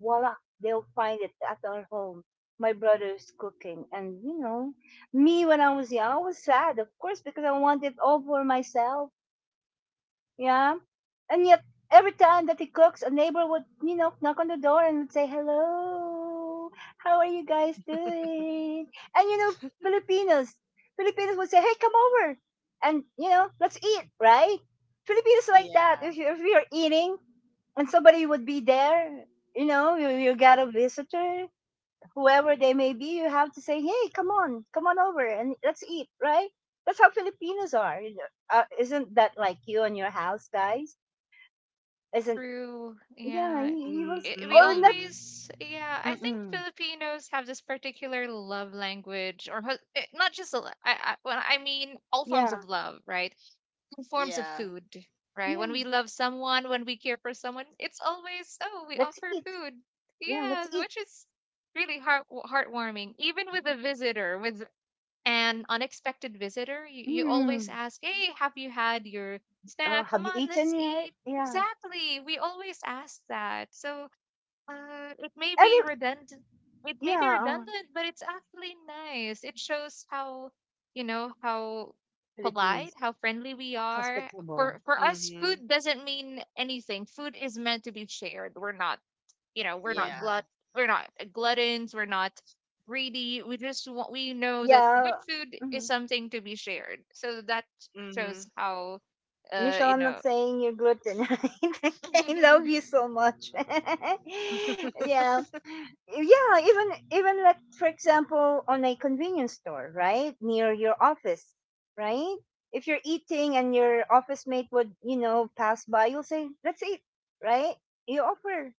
[SPEAKER 1] voila, they'll find it at our home. My brother's cooking," and you know, me when I was young, I was sad, of course, because I wanted all for myself, yeah. And yet, every time that he cooks, a neighbor would, you know, knock on the door and would say, "Hello, how are you guys doing?" And, you know, Filipinos, Filipinos would say, "Hey, come over. And, you know, let's eat," right? Filipinos like that.
[SPEAKER 2] Yeah.
[SPEAKER 1] If we are eating and somebody would be there, you know, you got a visitor, whoever they may be, you have to say, "Hey, come on, come on over, and let's eat." Right? That's how Filipinos are, you know. Isn't that like you and your house, guys?
[SPEAKER 3] it's
[SPEAKER 1] Isn't
[SPEAKER 3] true.
[SPEAKER 1] yeah?
[SPEAKER 3] Yeah.
[SPEAKER 1] He was
[SPEAKER 3] I we
[SPEAKER 1] or not?
[SPEAKER 2] Mm.
[SPEAKER 3] always, yeah, I think
[SPEAKER 1] Mm-mm.
[SPEAKER 3] Filipinos have this particular love language, or ho- eh, not just, a lo- I, well, I mean, all forms
[SPEAKER 1] Yeah,
[SPEAKER 3] of love, right? Forms of
[SPEAKER 2] Yeah.
[SPEAKER 3] food, right? When
[SPEAKER 1] yeah.
[SPEAKER 3] we love someone, when we care for someone, it's always, oh, we
[SPEAKER 1] Let's
[SPEAKER 3] offer
[SPEAKER 1] eat.
[SPEAKER 3] food.
[SPEAKER 1] Yeah, let's
[SPEAKER 3] Yes,
[SPEAKER 1] eat.
[SPEAKER 3] which is really heartwarming. Even with a visitor, with an unexpected visitor, you always
[SPEAKER 1] Mm.
[SPEAKER 3] ask, hey, have you had your snack?
[SPEAKER 1] Have
[SPEAKER 3] Come
[SPEAKER 1] you
[SPEAKER 3] on, let's
[SPEAKER 1] eaten yet?
[SPEAKER 3] eat.
[SPEAKER 1] Yeah.
[SPEAKER 3] Exactly. We always ask that. So it may be
[SPEAKER 1] Every
[SPEAKER 3] redundant.
[SPEAKER 1] yeah.
[SPEAKER 3] But it's actually nice. It shows how, you know, how
[SPEAKER 1] Filipinos
[SPEAKER 3] polite, how friendly we are.
[SPEAKER 1] hospitable.
[SPEAKER 3] For us, food
[SPEAKER 2] Mhm.
[SPEAKER 3] doesn't mean anything. Food is meant to be shared. We're not, you know, we're
[SPEAKER 1] Yeah.
[SPEAKER 3] not
[SPEAKER 2] Yeah.
[SPEAKER 3] glut. We're not gluttons. We're not greedy. We just want. We know that good
[SPEAKER 1] Yeah.
[SPEAKER 3] food is
[SPEAKER 1] Mhm.
[SPEAKER 3] something to be shared. So that
[SPEAKER 2] Mhm.
[SPEAKER 3] shows how,
[SPEAKER 1] Michelle, I'm
[SPEAKER 3] you
[SPEAKER 1] not
[SPEAKER 3] know,
[SPEAKER 1] saying you're gluten, right? I love
[SPEAKER 3] it
[SPEAKER 1] you so much. Yeah, yeah, even like for example on a convenience store right near your office, right, if you're eating and your office mate would, you know, pass by, you'll say, "Let's eat," right? You offer.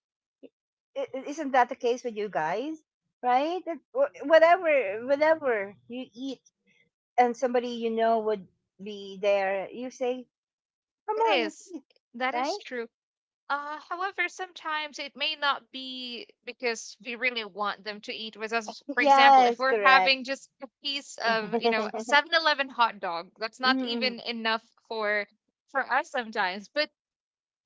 [SPEAKER 1] Isn't that the case with you guys, right? Whatever whatever you eat and somebody you know would be there, you say, "Come on, let's
[SPEAKER 3] is.
[SPEAKER 1] eat,"
[SPEAKER 3] That is
[SPEAKER 1] right?
[SPEAKER 3] true. However, sometimes it may not be because we really want them to eat with us. For example, if
[SPEAKER 1] Yes,
[SPEAKER 3] we're
[SPEAKER 1] correct.
[SPEAKER 3] having just a piece of, you know, a 7-Eleven hot dog, that's not
[SPEAKER 1] Mm.
[SPEAKER 3] even enough for us sometimes. But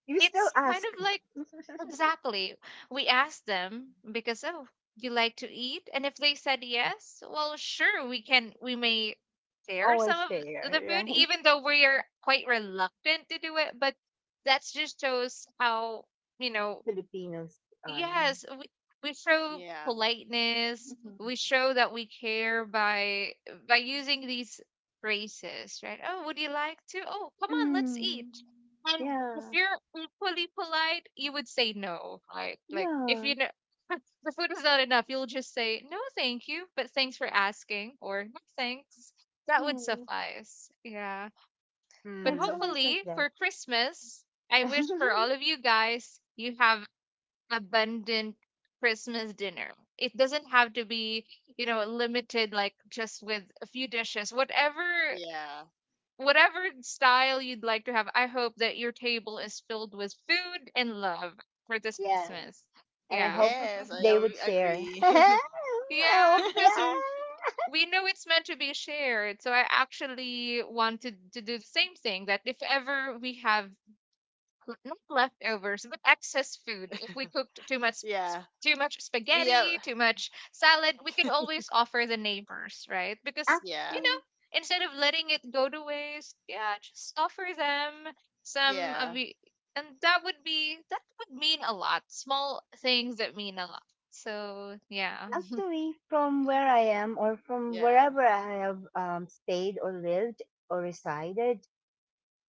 [SPEAKER 1] You still
[SPEAKER 3] it's kind of
[SPEAKER 1] ask.
[SPEAKER 3] like exactly. We asked them because, oh, you like to eat? And if they said yes, well, sure, we may share
[SPEAKER 1] Always
[SPEAKER 3] some
[SPEAKER 1] share,
[SPEAKER 3] of the food
[SPEAKER 1] right?
[SPEAKER 3] even though we are quite reluctant to do it, but that's just shows how, you know,
[SPEAKER 1] Filipinos are.
[SPEAKER 3] yes, we show
[SPEAKER 2] Yeah.
[SPEAKER 3] politeness.
[SPEAKER 1] Mhm.
[SPEAKER 3] We show that we care by using these phrases, right? Oh, would you like to? Oh, come on, let's eat.
[SPEAKER 1] Mm.
[SPEAKER 3] And if
[SPEAKER 1] Yeah,
[SPEAKER 3] you're equally polite, you would say no, right? Like if
[SPEAKER 1] yeah,
[SPEAKER 3] you know the food is not enough, you'll just say no, thank you, but thanks for asking, or no thanks. That would
[SPEAKER 1] yeah.
[SPEAKER 3] suffice. Yeah.
[SPEAKER 1] Yeah,
[SPEAKER 3] But
[SPEAKER 1] it's
[SPEAKER 2] Mhm.
[SPEAKER 1] always like
[SPEAKER 3] hopefully
[SPEAKER 1] that.
[SPEAKER 3] for Christmas, I wish for all of you guys you have abundant Christmas dinner. It doesn't have to be, you know, limited like just with a few dishes. Whatever
[SPEAKER 2] Yeah.
[SPEAKER 3] whatever style you'd like to have, I hope that your table is filled with food and love for this
[SPEAKER 1] Yeah,
[SPEAKER 3] Christmas.
[SPEAKER 1] and I
[SPEAKER 3] Yeah.
[SPEAKER 1] hope
[SPEAKER 2] Yes, I
[SPEAKER 1] they would
[SPEAKER 2] am-
[SPEAKER 1] share.
[SPEAKER 2] agree.
[SPEAKER 1] I
[SPEAKER 3] Yeah,
[SPEAKER 1] hope, yeah.
[SPEAKER 3] we know it's meant to be shared. So I actually wanted to do the same thing that if ever we have not leftovers, but excess food. If we cooked too much
[SPEAKER 2] Yeah.
[SPEAKER 3] sp- too much
[SPEAKER 2] We have
[SPEAKER 3] spaghetti, too much salad, we can always offer the neighbors, right? Because
[SPEAKER 2] yeah.
[SPEAKER 1] Actually,
[SPEAKER 3] instead of letting it go to waste, yeah, just offer them some of
[SPEAKER 2] Yeah.
[SPEAKER 3] the and that would mean a lot. Small things that mean a lot. So yeah.
[SPEAKER 1] actually, from where I am or from
[SPEAKER 2] Yeah.
[SPEAKER 1] wherever I have stayed or lived or resided,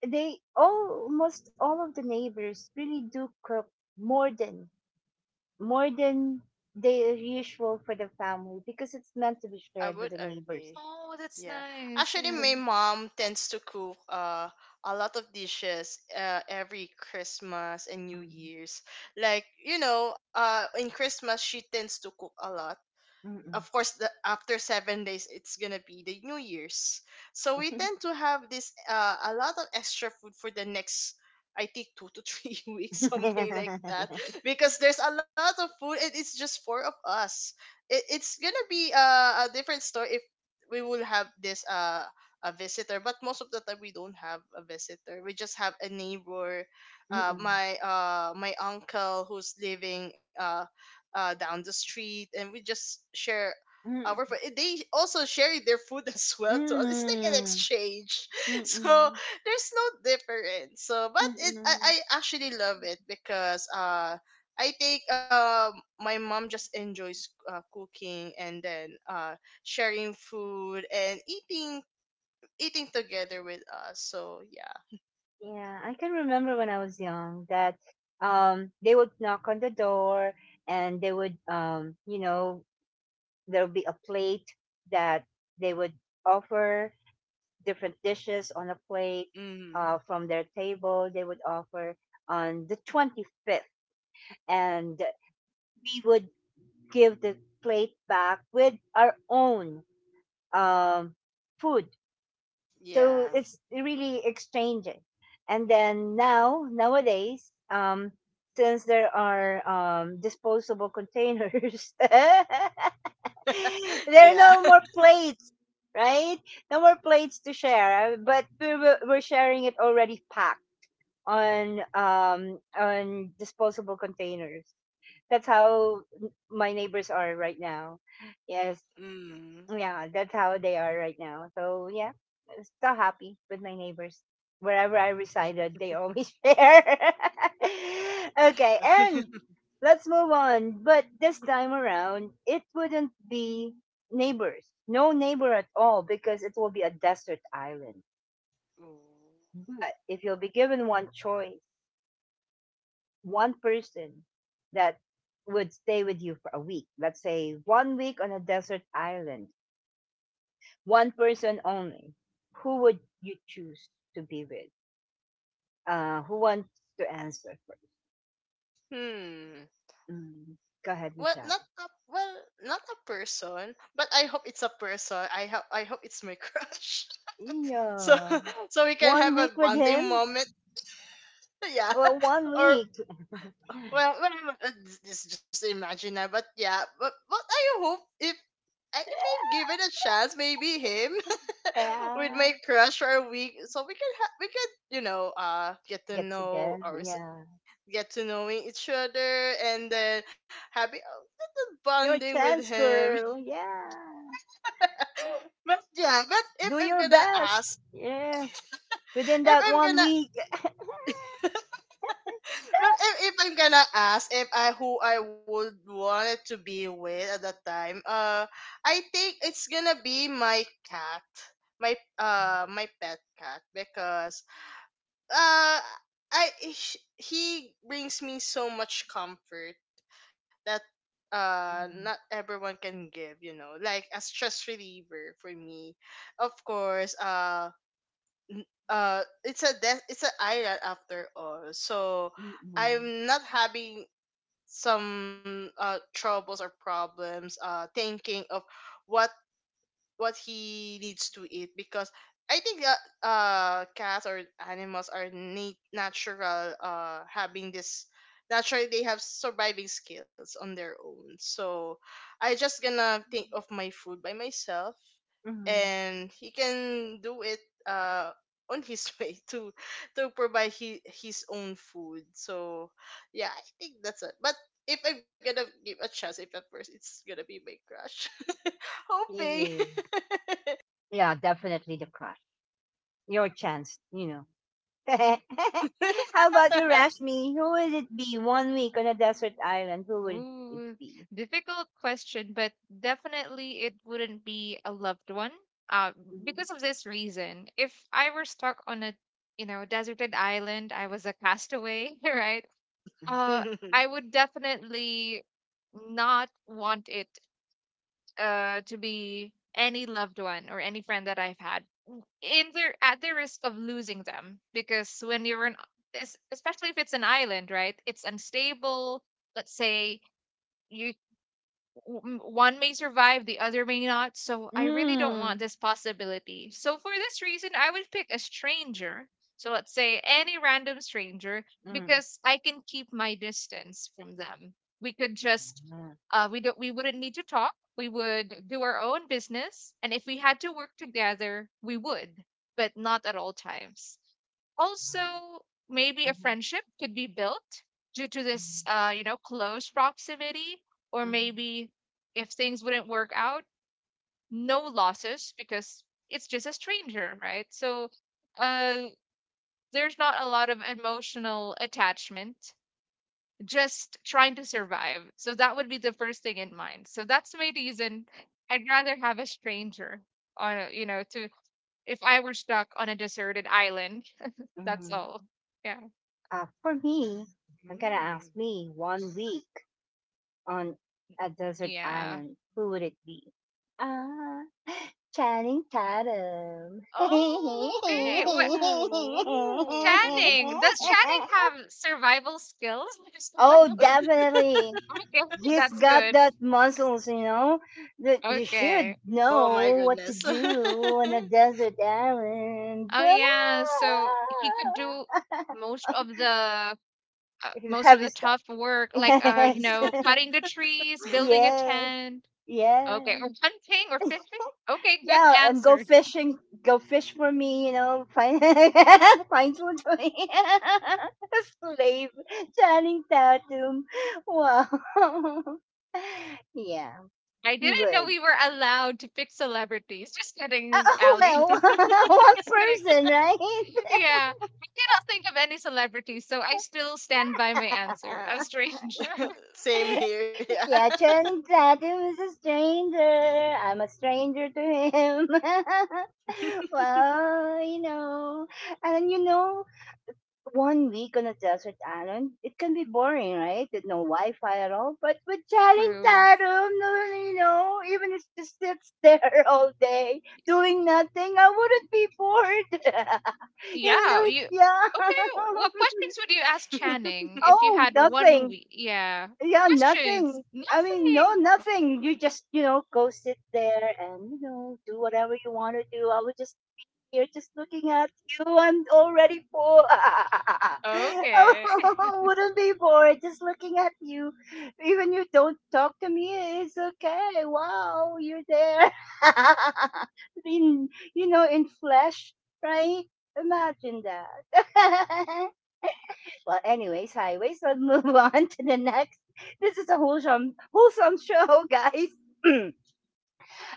[SPEAKER 1] they almost all of the neighbors really do cook more than more than the usual for the family because it's meant to be
[SPEAKER 2] I
[SPEAKER 1] shared with
[SPEAKER 2] would
[SPEAKER 1] the neighbors.
[SPEAKER 2] agree.
[SPEAKER 3] Oh, that's
[SPEAKER 2] Yeah.
[SPEAKER 3] nice.
[SPEAKER 2] Actually
[SPEAKER 3] Yeah.
[SPEAKER 1] Yeah.
[SPEAKER 2] my mom tends to cook a lot of dishes every Christmas and New
[SPEAKER 1] Mm,
[SPEAKER 2] Year's. Like, you know, in Christmas she tends to cook a lot. Of
[SPEAKER 1] mm-mm.
[SPEAKER 2] course the after 7 days it's gonna be the New Year's, so we tend to have this a lot of extra food for the next I think two to three weeks, something like that, because there's a lot of food and it's just four of us. It's gonna be a different story if we will have this a visitor, but most of the time we don't have a visitor. We just have a neighbor,
[SPEAKER 1] Mm,
[SPEAKER 2] my uncle, who's living down the street, and we just share our food.
[SPEAKER 1] mm-mm.
[SPEAKER 2] And they also share their food as well to us. It's like an
[SPEAKER 1] Mm,
[SPEAKER 2] exchange. So
[SPEAKER 1] mm,
[SPEAKER 2] there's no difference. So, but
[SPEAKER 1] mm,
[SPEAKER 2] it I
[SPEAKER 1] mm.
[SPEAKER 2] actually love it because I think my mom just enjoys cooking and then sharing food and eating together with us. So yeah.
[SPEAKER 1] Yeah, I can remember when I was young that they would knock on the door and they would you know there'll be a plate that they would offer different dishes on a plate
[SPEAKER 2] Mm,
[SPEAKER 1] from their table they would offer on the 25th and we would give the plate back with our own um, food. So
[SPEAKER 2] yeah.
[SPEAKER 1] it's really exchanging. And then now, nowadays, since there are disposable containers, there are
[SPEAKER 2] Yeah.
[SPEAKER 1] no more plates, right? No more plates to share. But we're sharing it already packed on disposable containers. That's how my neighbors are right now. Yes,
[SPEAKER 2] Mm.
[SPEAKER 1] yeah, that's how they are right now. So yeah, I'm still happy with my neighbors. Wherever I resided, they always share. Okay, and let's move on. But this time around, it wouldn't be neighbors. No neighbor at all because it will be a desert island.
[SPEAKER 2] Ooh.
[SPEAKER 1] But if you'll be given one choice, one person that would stay with you for a week, let's say one week on a desert island, one person only, who would you choose to be with? Who wants to answer first?
[SPEAKER 2] Hmm.
[SPEAKER 1] Mm, go
[SPEAKER 2] well
[SPEAKER 1] ahead,
[SPEAKER 2] not
[SPEAKER 1] Michelle.
[SPEAKER 2] a well Not a person, but I hope it's a person. I hope it's my crush. So
[SPEAKER 1] Yeah,
[SPEAKER 2] so we can
[SPEAKER 1] one
[SPEAKER 2] have a
[SPEAKER 1] week with
[SPEAKER 2] bonding
[SPEAKER 1] him.
[SPEAKER 2] moment. Yeah.
[SPEAKER 1] Well, one
[SPEAKER 2] Or
[SPEAKER 1] week.
[SPEAKER 2] well, well this is just imaginary, but yeah, but I hope if if I'm given a chance, maybe him with my
[SPEAKER 1] Yeah,
[SPEAKER 2] crush for a week, so we could, you know, get to
[SPEAKER 1] get
[SPEAKER 2] know
[SPEAKER 1] together.
[SPEAKER 2] our
[SPEAKER 1] Yeah,
[SPEAKER 2] get to knowing each other and then having a little
[SPEAKER 1] your
[SPEAKER 2] bonding with
[SPEAKER 1] chance,
[SPEAKER 2] him.
[SPEAKER 1] girl. Yeah,
[SPEAKER 2] But yeah, but if
[SPEAKER 1] do
[SPEAKER 2] I'm
[SPEAKER 1] your
[SPEAKER 2] gonna
[SPEAKER 1] best.
[SPEAKER 2] ask,
[SPEAKER 1] Yes, within
[SPEAKER 2] if
[SPEAKER 1] that
[SPEAKER 2] I'm
[SPEAKER 1] one
[SPEAKER 2] gonna,
[SPEAKER 1] week.
[SPEAKER 2] but if I'm gonna ask if I who I would want it to be with at that time, I think it's gonna be my cat, my my pet cat because uh he brings me so much comfort that not everyone can give, you know, like a stress reliever for me, of course. Uh. It's an island after all, so
[SPEAKER 1] Mm,
[SPEAKER 2] I'm not having some troubles or problems thinking of what what he needs to eat because I think that cats or animals are natural, having this naturally they have surviving skills on their own. So I just gonna think of my food by myself
[SPEAKER 1] mhm.
[SPEAKER 2] and he can do it uh on his way to provide his own food. So yeah, I think that's it. But if I'm gonna give a chance, if at first it's gonna be my crush, hoping.
[SPEAKER 1] Yay. Yeah, definitely the crush. Your chance, you know. How about you, Rashmi? Who would it be? One week on a desert island, who would it
[SPEAKER 3] Ooh,
[SPEAKER 1] be?
[SPEAKER 3] difficult question, but definitely it wouldn't be a loved one. Uh,
[SPEAKER 1] Mm.
[SPEAKER 3] because of this reason, if I were stuck on a, deserted island, I was a castaway, right? Uh, I would definitely not want it to be any loved one or any friend that I've had. In the at the risk of losing them, because when you're especially if it's an island, right? It's unstable. Let's say you one may survive, the other may not. So I really don't want
[SPEAKER 1] Mm.
[SPEAKER 3] this possibility. So for this reason, I would pick a stranger. So let's say any random stranger
[SPEAKER 1] Mm.
[SPEAKER 3] because I can keep my distance from them. We could just we wouldn't need to talk. We would do our own business and if we had to work together, we would, but not at all times. Also, maybe a friendship could be built due to this, close proximity, or maybe if things wouldn't work out, no losses because it's just a stranger, right? So, uh, there's not a lot of emotional attachment, just trying to survive. So, that would be the first thing in mind. So, that's my reason I'd rather have a stranger on, a- you know, to if I were stuck on a deserted island. That's
[SPEAKER 1] Mm.
[SPEAKER 3] all. Yeah.
[SPEAKER 1] For me, I'm gonna
[SPEAKER 2] Mm.
[SPEAKER 1] ask me one week on a desert
[SPEAKER 3] Yeah.
[SPEAKER 1] island, who would it be? Uh, Channing Tatum.
[SPEAKER 3] Oh, okay. Well,
[SPEAKER 2] Ooh.
[SPEAKER 3] Channing. Does Channing have survival skills?
[SPEAKER 1] Oh, definitely.
[SPEAKER 3] Okay,
[SPEAKER 1] He's
[SPEAKER 3] that's
[SPEAKER 1] got
[SPEAKER 3] good.
[SPEAKER 1] that muscles, that you should
[SPEAKER 3] Okay.
[SPEAKER 2] Oh my
[SPEAKER 1] know what to
[SPEAKER 2] goodness.
[SPEAKER 1] do on a desert island.
[SPEAKER 3] Oh yeah, so he could do most of the uh, most of
[SPEAKER 1] Heavy
[SPEAKER 3] the
[SPEAKER 1] stuff.
[SPEAKER 3] tough work, like
[SPEAKER 1] Yes.
[SPEAKER 3] cutting the trees, building a
[SPEAKER 1] Yes.
[SPEAKER 3] tent. Okay,
[SPEAKER 1] Yes.
[SPEAKER 3] or hunting or fishing. Okay, good
[SPEAKER 1] Yeah, and go
[SPEAKER 3] answer.
[SPEAKER 1] fishing, go fish for me, find find food for me. Slave, Channing Tatum. Wow. yeah,
[SPEAKER 3] I
[SPEAKER 1] you
[SPEAKER 3] didn't know
[SPEAKER 1] would.
[SPEAKER 3] we were allowed to pick celebrities. Just kidding,
[SPEAKER 1] Oh,
[SPEAKER 3] Ali.
[SPEAKER 1] well, one
[SPEAKER 3] Just kidding.
[SPEAKER 1] person, right?
[SPEAKER 3] Yeah, I cannot think of any celebrity, so I still stand by my answer. A stranger.
[SPEAKER 2] Same here, yeah.
[SPEAKER 1] Yeah, Channing Tatum is a stranger. I'm a stranger to him. Well, and you know, one week on a desert island, it can be boring, right? With no Wi-Fi at all. But with Charing
[SPEAKER 3] True.
[SPEAKER 1] Tatum, no, even if it sits there all day doing nothing, I wouldn't be bored. Even though,
[SPEAKER 3] Yeah,
[SPEAKER 1] it's,
[SPEAKER 3] you.
[SPEAKER 1] yeah.
[SPEAKER 3] Okay, what questions would you ask Channing if you
[SPEAKER 1] Oh,
[SPEAKER 3] had one
[SPEAKER 1] nothing.
[SPEAKER 3] week? Yeah.
[SPEAKER 1] Yeah,
[SPEAKER 3] Questions.
[SPEAKER 1] nothing. I mean, no,
[SPEAKER 3] Nothing.
[SPEAKER 1] nothing. You just, go sit there and, do whatever you want to do. I would just here just looking at you. I'm already bored.
[SPEAKER 3] Okay.
[SPEAKER 1] Oh, wouldn't be bored just looking at you. Even you don't talk to me, it's okay. Wow, you're there. in, in flesh, right? Imagine that. Well, anyways, highways, let's move on to the next. This is a wholesome, wholesome show, guys.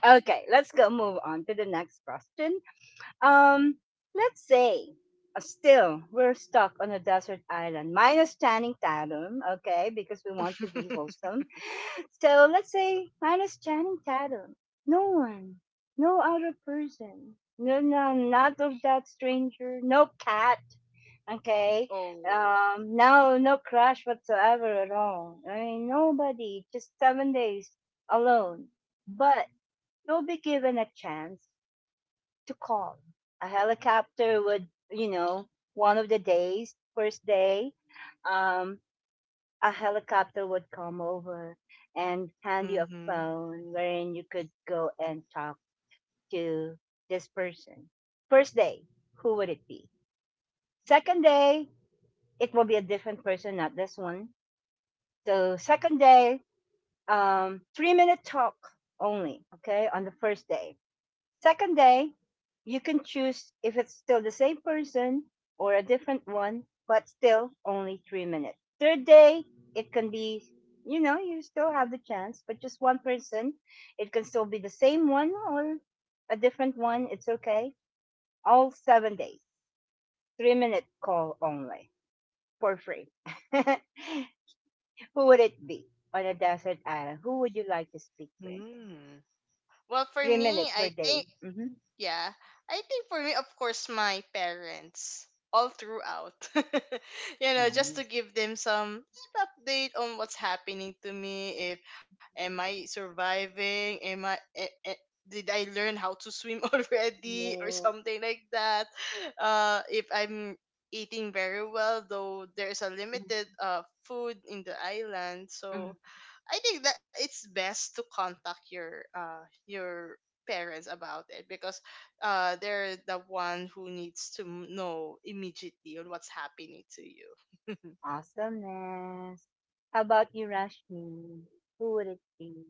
[SPEAKER 1] Okay, let's go move on to the next question. Um, let's say still we're stuck on a desert island minus Channing Tatum, okay, because we want to be wholesome. So let's say minus Channing Tatum. No one, no other person, no, no, not of that stranger, no cat, okay,
[SPEAKER 2] Oh.
[SPEAKER 1] no, no crush whatsoever at all. I mean, nobody, just 7 days alone. But you'll be given a chance to calm. A helicopter would, one of the days, first day, um, a helicopter would come over and hand you a
[SPEAKER 2] Mhm.
[SPEAKER 1] phone wherein you could go and talk to this person. First day, who would it be? Second day, it will be a different person, not this one. So second day, 3 minute talk only, okay, on the first day. Second day, you can choose if it's still the same person or a different one, but still only 3 minutes. Third day, it can be, you still have the chance, but just one person. It can still be the same one or a different one. It's okay. All 7 days, 3 minute call only for free. Who would it be on a desert island? Who would you like to speak with?
[SPEAKER 2] Mm. Well, for
[SPEAKER 1] Three
[SPEAKER 2] me,
[SPEAKER 1] minutes per
[SPEAKER 2] I think.
[SPEAKER 1] day. Mm-hmm.
[SPEAKER 2] Yeah. I think for me, of course, my parents all throughout. You know, just to
[SPEAKER 1] Nice.
[SPEAKER 2] give them some update on what's happening to me. If am I surviving? Am I? Did I learn how to swim already or
[SPEAKER 1] Yes.
[SPEAKER 2] something like that? If I'm eating very well, though there's a limited
[SPEAKER 1] Mm-hmm.
[SPEAKER 2] food in the island, so I think that it's best to contact your parents about it because they're the one who needs to know immediately on what's happening to you.
[SPEAKER 1] Awesomeness. How about you, Rashmi? Who would it be?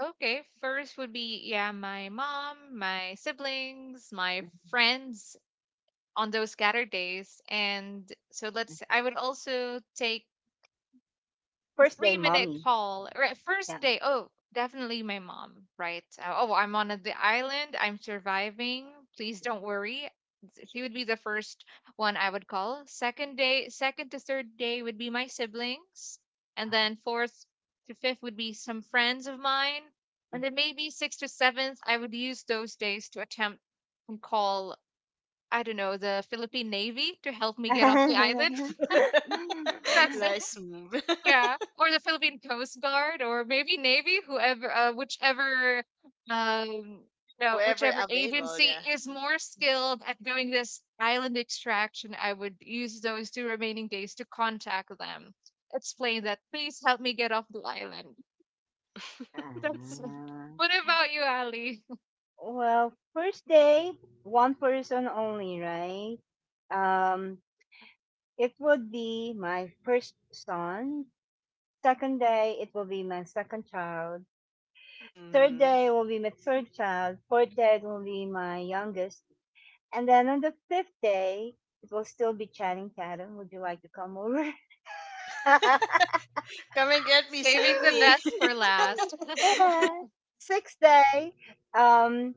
[SPEAKER 3] Okay, first would be, yeah, my mom, my siblings, my friends on those scattered days. And so let's, I would also take
[SPEAKER 1] First
[SPEAKER 3] three
[SPEAKER 1] day,
[SPEAKER 3] minute
[SPEAKER 1] mommy.
[SPEAKER 3] call, right?
[SPEAKER 1] Yeah.
[SPEAKER 3] First day, oh, definitely my mom, right? Oh, I'm on the island, I'm surviving, please don't worry. She would be the first one I would call. Second day, second to third day would be my siblings, and then fourth to fifth would be some friends of mine, and then maybe sixth to seventh I would use those days to attempt and call, I don't know, the Philippine Navy to help me get off the island. That's it.
[SPEAKER 2] Nice move.
[SPEAKER 3] Yeah, or the Philippine Coast Guard, or maybe Navy, whoever, whichever, um, no,
[SPEAKER 2] Wherever
[SPEAKER 3] whichever
[SPEAKER 2] available,
[SPEAKER 3] agency
[SPEAKER 2] yeah.
[SPEAKER 3] is more skilled at doing this island extraction. I would use those 2 remaining days to contact them, explain that please help me get off the island. That's it.
[SPEAKER 1] Ah,
[SPEAKER 3] What about you, Ali?
[SPEAKER 1] well, first day, one person only, right? Um, it would be my first son. Second day, it will be my second child. Third
[SPEAKER 2] Hmm.
[SPEAKER 1] day will be my third child. Fourth day it will be my youngest. And then on the fifth day, it will still be Channing Tatum. Would you like to come over?
[SPEAKER 2] Come and get me, save
[SPEAKER 3] Saving the
[SPEAKER 2] me.
[SPEAKER 3] best for last.
[SPEAKER 1] Yeah. Sixth day, um,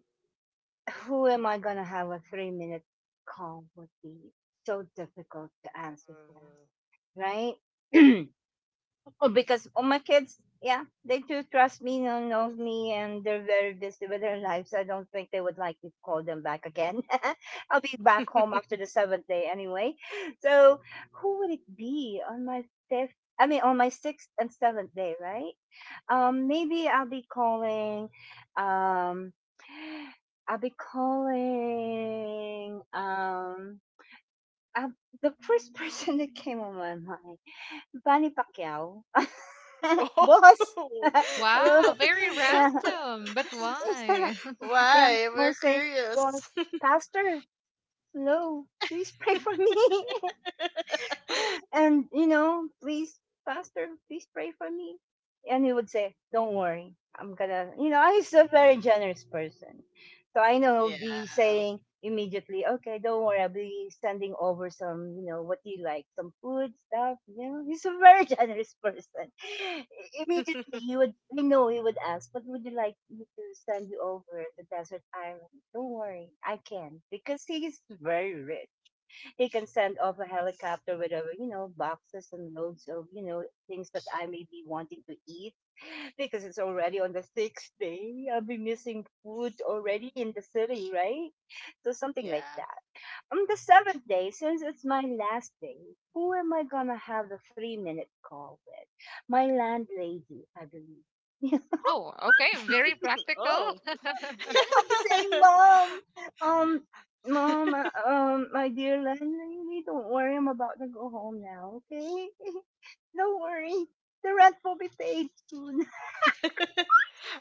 [SPEAKER 1] who am I gonna have a 3 minute call would be so difficult to answer that, right? Oh, because oh, my kids, yeah, they do trust me, know, knows me, and they're very busy with their lives. I don't think they would like me to call them back again. I'll be back home after the seventh day anyway. So, who would it be on my fifth? I mean, on my sixth and seventh day, right? Maybe I'll be calling. Um, I'll be calling. Uh the first person that came on my mind. Manny Pacquiao?
[SPEAKER 2] Oh.
[SPEAKER 1] Boss! Hello?
[SPEAKER 3] Wow, very
[SPEAKER 1] Yeah.
[SPEAKER 3] random, but why?
[SPEAKER 1] Yeah.
[SPEAKER 2] Why? We're
[SPEAKER 1] Mosaic
[SPEAKER 2] curious.
[SPEAKER 1] boss. Pastor, hello. Please pray for me. And please, Pastor, please pray for me. And he would say, Don't worry, I'm gonna you know, he's a very generous person. So I know he'll be
[SPEAKER 2] Yeah.
[SPEAKER 1] saying immediately, Okay, don't worry, I'll be sending over some, what do you like, some food, stuff. He's a very generous person. Immediately he would I know he would ask, what would you like me to send you over the desert island? Don't worry, I can, because he's very rich, he can send off a helicopter with over, boxes and loads of, things that I may be wanting to eat because it's already on the sixth day. I'll be missing food already in the city, right? So something like
[SPEAKER 2] Yeah.
[SPEAKER 1] that. On the seventh day, since it's my last day, who am I gonna have the 3 minute call with? My landlady, I believe.
[SPEAKER 3] Oh, okay, very practical.
[SPEAKER 2] Oh.
[SPEAKER 1] I'm the same, mom, um, mom, my dear landlady, don't worry. I'm about to go home now. Okay, don't worry. The rent will be paid soon.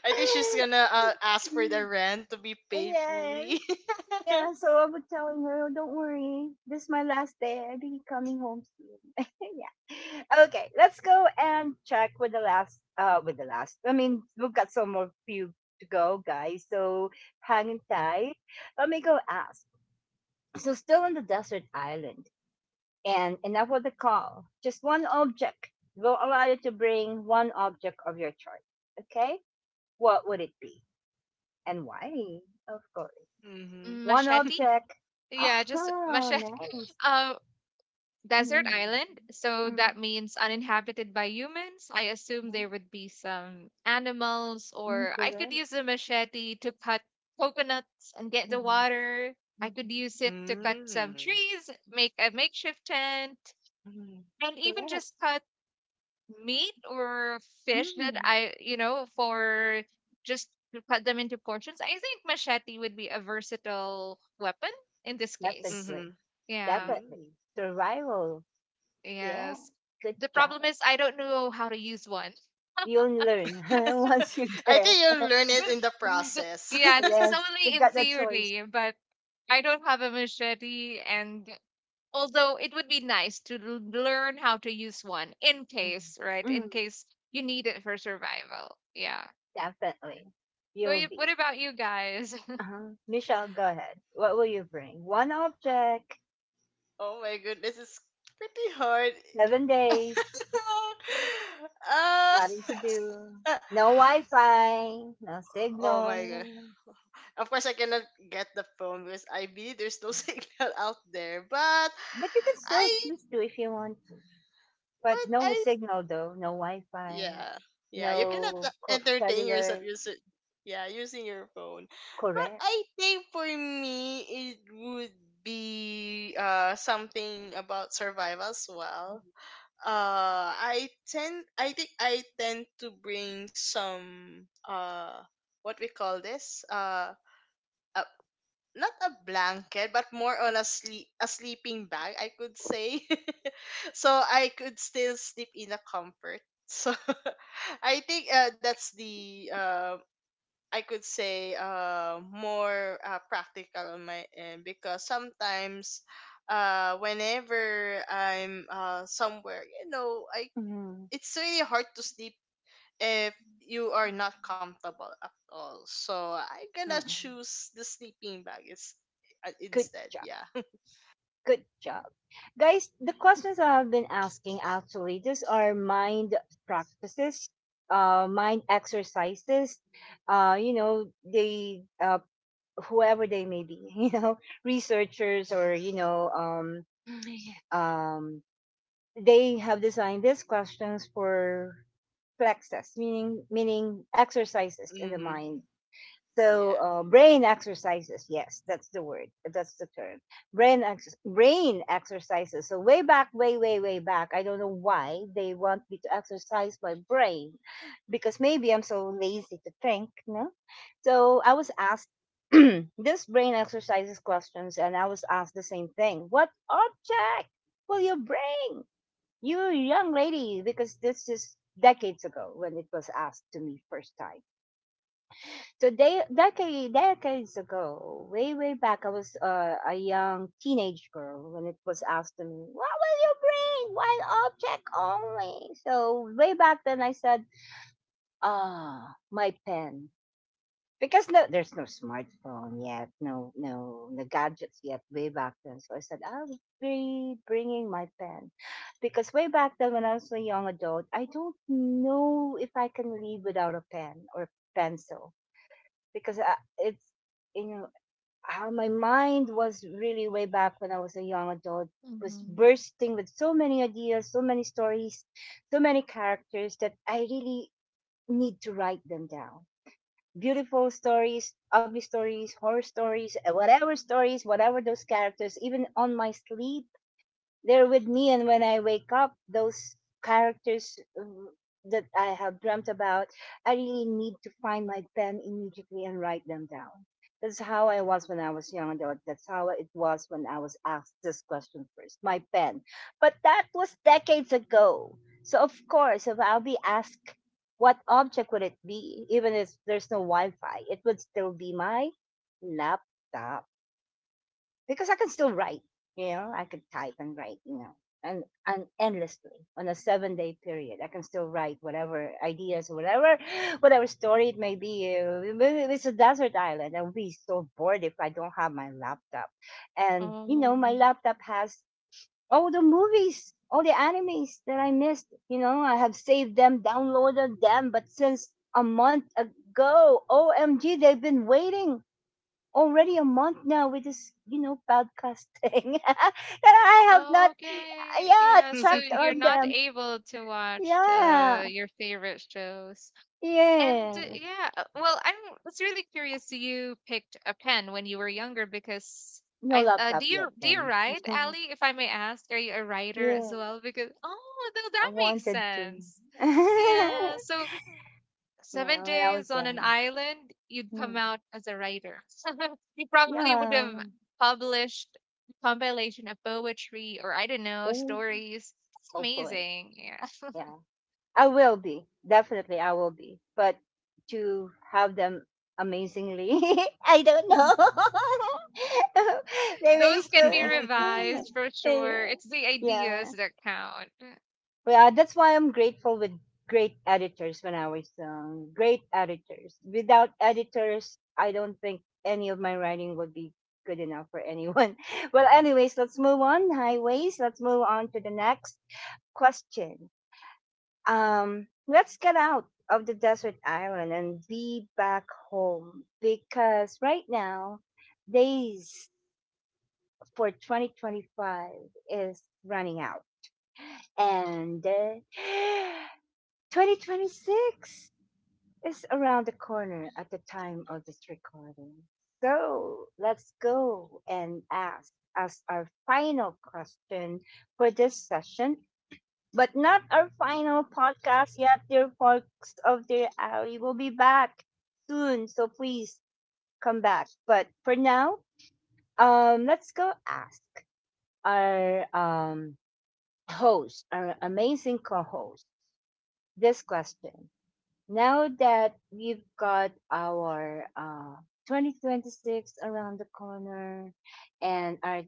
[SPEAKER 2] I think she's gonna ask for the rent to be paid
[SPEAKER 1] Yes.
[SPEAKER 2] fully.
[SPEAKER 1] Yeah, so I was telling her, Oh, don't worry, this is my last day. I'll be coming home soon. Yeah. Okay, let's go and check with the last. I mean, we've got some more few to go, guys, so hang in tight. Let me go ask. So still on the desert island and enough of the call. Just one object. We'll allow you to bring one object of your choice. Okay? What would it be? And why? Of course.
[SPEAKER 2] Mm-hmm.
[SPEAKER 1] One
[SPEAKER 3] Machete?
[SPEAKER 1] object.
[SPEAKER 3] Yeah, just
[SPEAKER 1] Oh,
[SPEAKER 3] machete.
[SPEAKER 1] nice.
[SPEAKER 3] Uh, desert
[SPEAKER 1] Mm,
[SPEAKER 3] island. So that
[SPEAKER 1] mm,
[SPEAKER 3] means uninhabited by humans. I assume there would be some animals,
[SPEAKER 1] mm,
[SPEAKER 3] or I could
[SPEAKER 1] correct.
[SPEAKER 3] use a machete to cut coconuts and get the
[SPEAKER 1] Mm,
[SPEAKER 3] water. I
[SPEAKER 1] mm,
[SPEAKER 3] could use it to cut some
[SPEAKER 2] Mm-hmm.
[SPEAKER 3] trees, make a makeshift tent,
[SPEAKER 1] mm,
[SPEAKER 3] and even
[SPEAKER 1] correct.
[SPEAKER 3] just cut meat or fish that
[SPEAKER 1] Mm,
[SPEAKER 3] I, you know, for just to cut them into portions. I think machete would be a versatile weapon in this case.
[SPEAKER 1] definitely.
[SPEAKER 2] Mm-hmm.
[SPEAKER 3] Yeah.
[SPEAKER 1] Definitely.
[SPEAKER 2] Mm.
[SPEAKER 1] Survival. Yeah.
[SPEAKER 3] Yes.
[SPEAKER 1] Good
[SPEAKER 3] The
[SPEAKER 1] job.
[SPEAKER 3] problem is I don't know how to use one.
[SPEAKER 1] You'll learn
[SPEAKER 3] That's
[SPEAKER 1] once you're
[SPEAKER 2] I
[SPEAKER 1] there.
[SPEAKER 2] think you'll learn it
[SPEAKER 3] the,
[SPEAKER 2] in the
[SPEAKER 3] the,
[SPEAKER 2] process.
[SPEAKER 3] yeah, this is
[SPEAKER 1] Yes. You've
[SPEAKER 3] only in
[SPEAKER 1] got the choice.
[SPEAKER 3] theory, but I don't have a machete and although it would be nice to learn how to use one in
[SPEAKER 1] Mm,
[SPEAKER 3] case, right?
[SPEAKER 1] mm,
[SPEAKER 3] In case you need it for survival. Yeah.
[SPEAKER 1] definitely.
[SPEAKER 3] What,
[SPEAKER 1] You'll
[SPEAKER 3] you, what
[SPEAKER 1] be.
[SPEAKER 3] about you guys?
[SPEAKER 1] Uh-huh. Michelle, go ahead. What will you bring? One object,
[SPEAKER 2] Oh my goodness, it's pretty hard.
[SPEAKER 1] 7 days.
[SPEAKER 2] uh,
[SPEAKER 1] Nothing to do. No Wi-Fi, no
[SPEAKER 2] oh my god.
[SPEAKER 1] signal.
[SPEAKER 2] Of course, I cannot get the phone because I believe there's no signal out there. But
[SPEAKER 1] But you can still
[SPEAKER 2] I,
[SPEAKER 1] choose to if you want to. But
[SPEAKER 2] but
[SPEAKER 1] no
[SPEAKER 2] I
[SPEAKER 1] signal though, no Wi-Fi,
[SPEAKER 2] Yeah, yeah, you cannot
[SPEAKER 1] no
[SPEAKER 2] entertain yourself
[SPEAKER 1] cellular.
[SPEAKER 2] using, yeah, using your phone. But
[SPEAKER 1] Correct.
[SPEAKER 2] I think for me it would be something about survival as well. I think I tend to bring some what we call this a, not a blanket but more on a sleep a sleeping bag, I could say. So I could still sleep in a comfort, so I think that's the I could say more practical on my end because sometimes whenever I'm somewhere, you know, I,
[SPEAKER 1] Mm-hmm.
[SPEAKER 2] it's really hard to sleep if you are not comfortable at all. So I'm gonna
[SPEAKER 1] Mm-mm.
[SPEAKER 2] choose the sleeping bag, is
[SPEAKER 1] Good
[SPEAKER 2] instead.
[SPEAKER 1] job.
[SPEAKER 2] Yeah.
[SPEAKER 1] Good job. Guys, the questions I have been asking actually, these are practices, mind exercises. They, whoever they may be, researchers or, um, they have designed these questions for plexus, meaning exercises in the
[SPEAKER 2] Hmm.
[SPEAKER 1] mind.
[SPEAKER 2] Yeah.
[SPEAKER 1] So brain exercises, yes, that's the word, that's the term. Brain exercises. So way back, way way way back, I don't know why they want me to exercise my brain because maybe I'm so lazy to think, no? So I was asked this brain exercises questions, and I was asked the same thing. What object will you bring, you young lady? Because this is decades ago when it was asked to me first time. So they decades ago, way way back, I was a young teenage girl when it was asked to me, what will you bring? One object only. So way back then, I said, Ah, my pen, because no, there's no smartphone yet, no no no gadgets yet. Way back then, so I said, I'll be bringing my pen, because way back then, when I was a young adult, I don't know if I can live without a pen or pencil because it's, you know how my mind was really way back when I was a young adult, was
[SPEAKER 3] Hmm.
[SPEAKER 1] bursting with so many ideas, so many stories, so many characters that I really need to write them down. Beautiful stories, ugly stories, horror stories, whatever stories, whatever those characters, even on my sleep, they're with me, and when I wake up, those characters that I have dreamt about, I really need to find my pen immediately and write them down. That's how I was when I was young adult. That's how it was when I was asked this question first, my pen. But that was decades ago. So of course, if I'll be asked what object would it be, even if there's no Wi-Fi, it would still be my laptop, because I can still write. You know, I could type and write. You know, and endlessly on a 7 day period, I can still write whatever ideas, whatever, whatever story it may be. It's a desert island. I would be so bored if I don't have my laptop. And you know, my
[SPEAKER 3] Oh.
[SPEAKER 1] laptop has all the movies. All the animes that I missed, I have saved them, downloaded them, but since a month ago, OMG, they've been waiting already a month now with this, podcast thing that I have not,
[SPEAKER 3] Okay.
[SPEAKER 1] yeah,
[SPEAKER 3] Yeah, so
[SPEAKER 1] checked
[SPEAKER 3] you're
[SPEAKER 1] on
[SPEAKER 3] not
[SPEAKER 1] them.
[SPEAKER 3] able to watch
[SPEAKER 1] Yeah,
[SPEAKER 3] your favorite shows. And
[SPEAKER 1] yeah.
[SPEAKER 3] yeah, well, I'm was really curious. You picked a pen when you were younger because
[SPEAKER 1] No
[SPEAKER 3] I do
[SPEAKER 1] laptop
[SPEAKER 3] you
[SPEAKER 1] yet
[SPEAKER 3] do you
[SPEAKER 1] then.
[SPEAKER 3] write, Ali? If I may ask, are you a writer
[SPEAKER 1] Yeah,
[SPEAKER 3] as well? Because oh,
[SPEAKER 1] I
[SPEAKER 3] that makes
[SPEAKER 1] wanted to.
[SPEAKER 3] sense.
[SPEAKER 1] Yeah,
[SPEAKER 3] Yeah, so seven
[SPEAKER 1] when I
[SPEAKER 3] days
[SPEAKER 1] was
[SPEAKER 3] on an
[SPEAKER 1] young.
[SPEAKER 3] island, you'd
[SPEAKER 1] Hmm.
[SPEAKER 3] come out as a writer. You probably would have
[SPEAKER 1] Yeah,
[SPEAKER 3] published a compilation of poetry or I don't know
[SPEAKER 1] oh,
[SPEAKER 3] stories. That's
[SPEAKER 1] hopefully.
[SPEAKER 3] amazing. Yeah.
[SPEAKER 1] Yeah. I will be. Definitely, I will be. But to have them amazingly, I don't know. They may
[SPEAKER 3] Those can be
[SPEAKER 1] still.
[SPEAKER 3] revised for sure. It's the ideas
[SPEAKER 1] Yeah.
[SPEAKER 3] that count.
[SPEAKER 1] Well, that's why I'm grateful with great editors when I was young. Great editors. Without editors, I don't think any of my writing would be good enough for anyone. Well, anyways, let's move on. Highways. Let's move on to the next question. Let's get out of the desert island and be back home, because right now days for 2025 is running out, and 2026 is around the corner at the time of this recording. So let's go and ask us our final question for this session, but not our final podcast yet, dear folks of dear alley. We'll be back soon, so please come back. But for now, let's go ask our host, our amazing co-host, this question, now that we've got our 2026 around the corner and our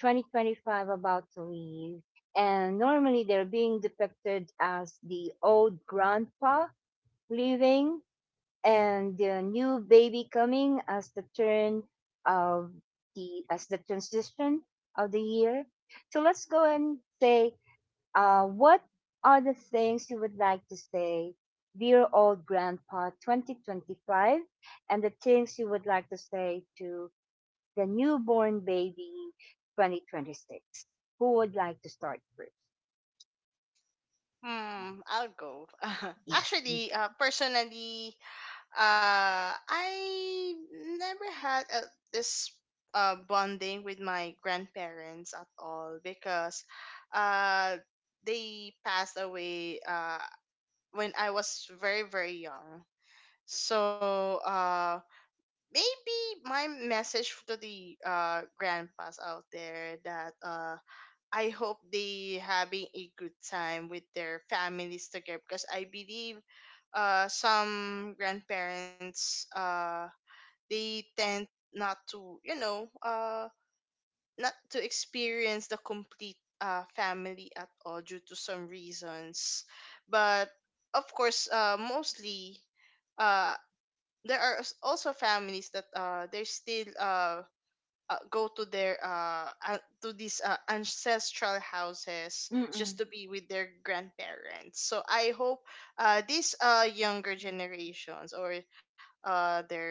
[SPEAKER 1] 2025 about to leave, and normally they're being depicted as the old grandpa leaving and the new baby coming as the turn of the transition of the year. So let's go and say what are the things you would like to say, dear old grandpa 2025, and the things you would like to say to the newborn baby 2026? Who would like to start first?
[SPEAKER 2] Hmm, I'll go.
[SPEAKER 1] Yes,
[SPEAKER 2] Actually,
[SPEAKER 1] Michelle.
[SPEAKER 2] personally, I never had a, this bonding with my grandparents at all because uh, they passed away when I was very, very young. So, maybe my message to the grandpas out there that I hope they having a good time with their families together, because I believe some grandparents they tend not to, you know, not to experience the complete family at all due to some reasons. But of course, mostly uh, there are also families that they're still go to their to these ancestral houses just
[SPEAKER 1] Mm-mm.
[SPEAKER 2] to be with their grandparents, so I hope these younger generations or uh their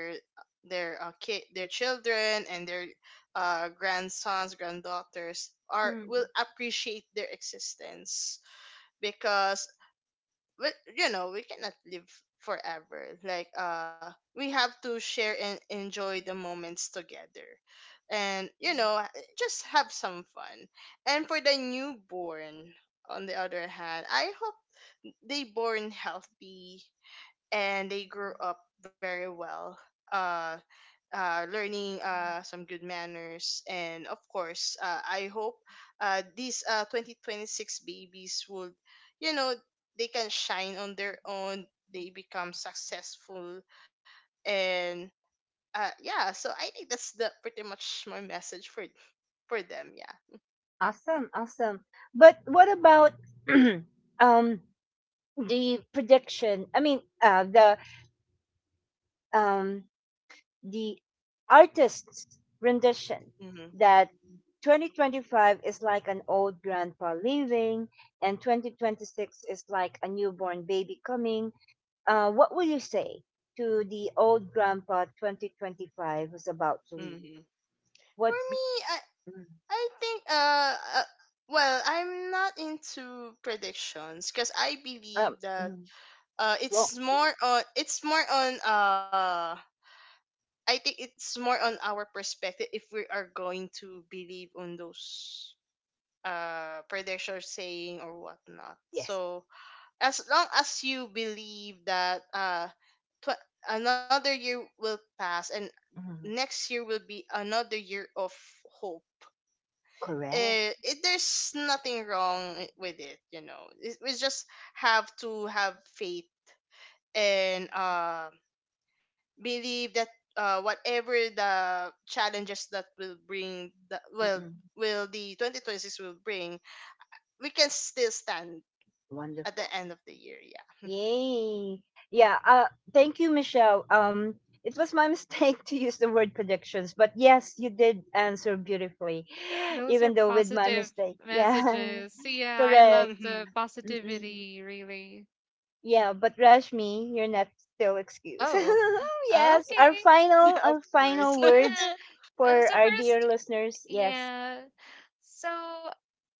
[SPEAKER 2] their kid their children and their grandsons, granddaughters are will
[SPEAKER 1] Mm.
[SPEAKER 2] appreciate their existence, because but you know we cannot live forever, like, we have to share and enjoy the moments together. And you know, just have some fun. And for the newborn, on the other hand, I hope they born healthy and they grew up very well, uh learning some good manners. And of course, I hope these 2026 babies would, you know, they can shine on their own, they become successful. And yeah, so I think that's the pretty much my message for them. Yeah.
[SPEAKER 1] Awesome, awesome. But what about um, the prediction? I mean, um, the artist's rendition
[SPEAKER 2] Mm-hmm.
[SPEAKER 1] that 2025 is like an old grandpa leaving and 2026 is like a newborn baby coming. What will you say to the old grandpa 2025 who's about to leave?
[SPEAKER 2] Mm-hmm. For
[SPEAKER 1] What?
[SPEAKER 2] me,
[SPEAKER 1] Mm,
[SPEAKER 2] I think, uh well, I'm not into predictions because I believe that
[SPEAKER 1] Mm, well,
[SPEAKER 2] it's more on, I think it's more on our perspective, if we are going to believe on those predictions saying or whatnot.
[SPEAKER 1] yes.
[SPEAKER 2] So as long as you believe that tw- another year will pass and
[SPEAKER 1] Mm,
[SPEAKER 2] next year will be another year of hope,
[SPEAKER 1] correct.
[SPEAKER 2] it there's nothing wrong with it, you know. We just have to have faith and believe that whatever the challenges that will bring the well
[SPEAKER 1] Mm-mm,
[SPEAKER 2] will the 2026 will bring, we can still stand at
[SPEAKER 1] wonderful.
[SPEAKER 2] the end of the year, yeah.
[SPEAKER 1] Yay. Yeah, thank you, Michelle. It was my mistake to use the word predictions, but yes, you did answer beautifully,
[SPEAKER 3] Those are
[SPEAKER 1] even though with my
[SPEAKER 3] positive
[SPEAKER 1] mistake. Yeah.
[SPEAKER 3] messages. So yeah, I
[SPEAKER 1] Correct.
[SPEAKER 3] love the
[SPEAKER 1] Mm-mm.
[SPEAKER 3] positivity, really.
[SPEAKER 1] Yeah, but Rashmi, you're not still excused.
[SPEAKER 3] Oh,
[SPEAKER 1] Yes, our
[SPEAKER 3] okay.
[SPEAKER 2] Yeah,
[SPEAKER 1] final
[SPEAKER 2] of
[SPEAKER 1] our
[SPEAKER 2] course.
[SPEAKER 1] final
[SPEAKER 3] Yeah.
[SPEAKER 1] words for
[SPEAKER 3] So
[SPEAKER 1] our dear
[SPEAKER 3] first,
[SPEAKER 1] listeners. Yes.
[SPEAKER 3] yeah. So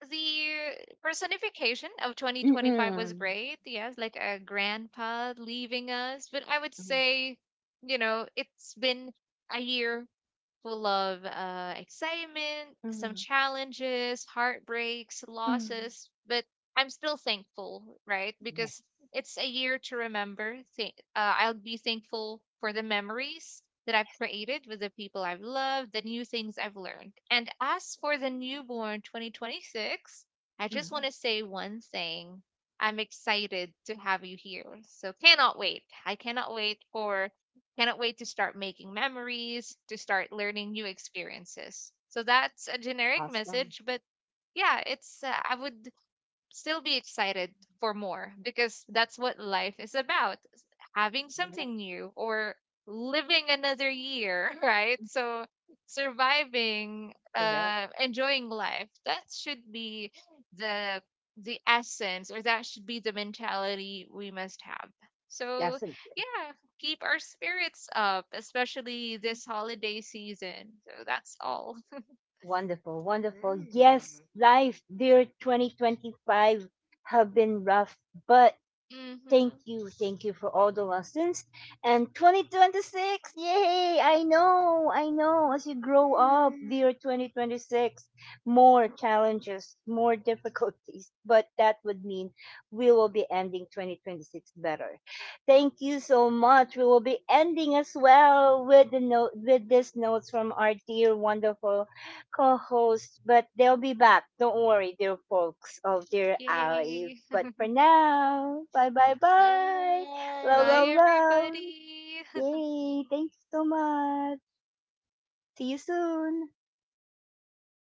[SPEAKER 3] the personification of 2025 was
[SPEAKER 1] Mm-mm.
[SPEAKER 3] great. Yes, like a grandpa leaving us, but I would say, it's been a year full of excitement, some
[SPEAKER 1] Mm-mm.
[SPEAKER 3] challenges, heartbreaks,
[SPEAKER 1] Mm-mm.
[SPEAKER 3] losses, but I'm still thankful, right?
[SPEAKER 1] Yes.
[SPEAKER 3] Because it's a year to remember. I'll be thankful for the memories that I've created with the people I've loved, the new things I've learned. And as for the newborn 2026, I just want
[SPEAKER 1] Mm-mm.
[SPEAKER 3] to say one thing. I'm excited to have you here. So cannot wait. I cannot wait for Cannot wait to start making memories, to start learning new experiences. So that's a generic
[SPEAKER 1] Awesome.
[SPEAKER 3] message, but yeah, it's I would still be excited for more because that's what life is about having
[SPEAKER 1] Correct.
[SPEAKER 3] something new or living another year, right? So surviving,
[SPEAKER 1] Correct.
[SPEAKER 3] enjoying life. That should be the the essence or that should be the mentality we must have. So
[SPEAKER 1] That's it.
[SPEAKER 3] yeah, keep our spirits up, especially this holiday season. So that's all.
[SPEAKER 1] Wonderful, wonderful. Yes, life, dear 2025, have been rough, but
[SPEAKER 3] Hmm.
[SPEAKER 1] thank you for all the lessons. And 2026, yay! I know, I know. As you grow up, dear 2026, more challenges, more difficulties, but that would mean we will be ending 2026 better. Thank you so much. We will be ending as well with the note with these notes from our dear wonderful co-host, but they'll be back. Don't worry, dear folks of dear alley.
[SPEAKER 3] Yay.
[SPEAKER 1] But for now, bye bye bye. Love
[SPEAKER 2] Yay.
[SPEAKER 1] love
[SPEAKER 3] Bye
[SPEAKER 1] love.
[SPEAKER 3] everybody.
[SPEAKER 1] Yay! Thanks so much. See you soon.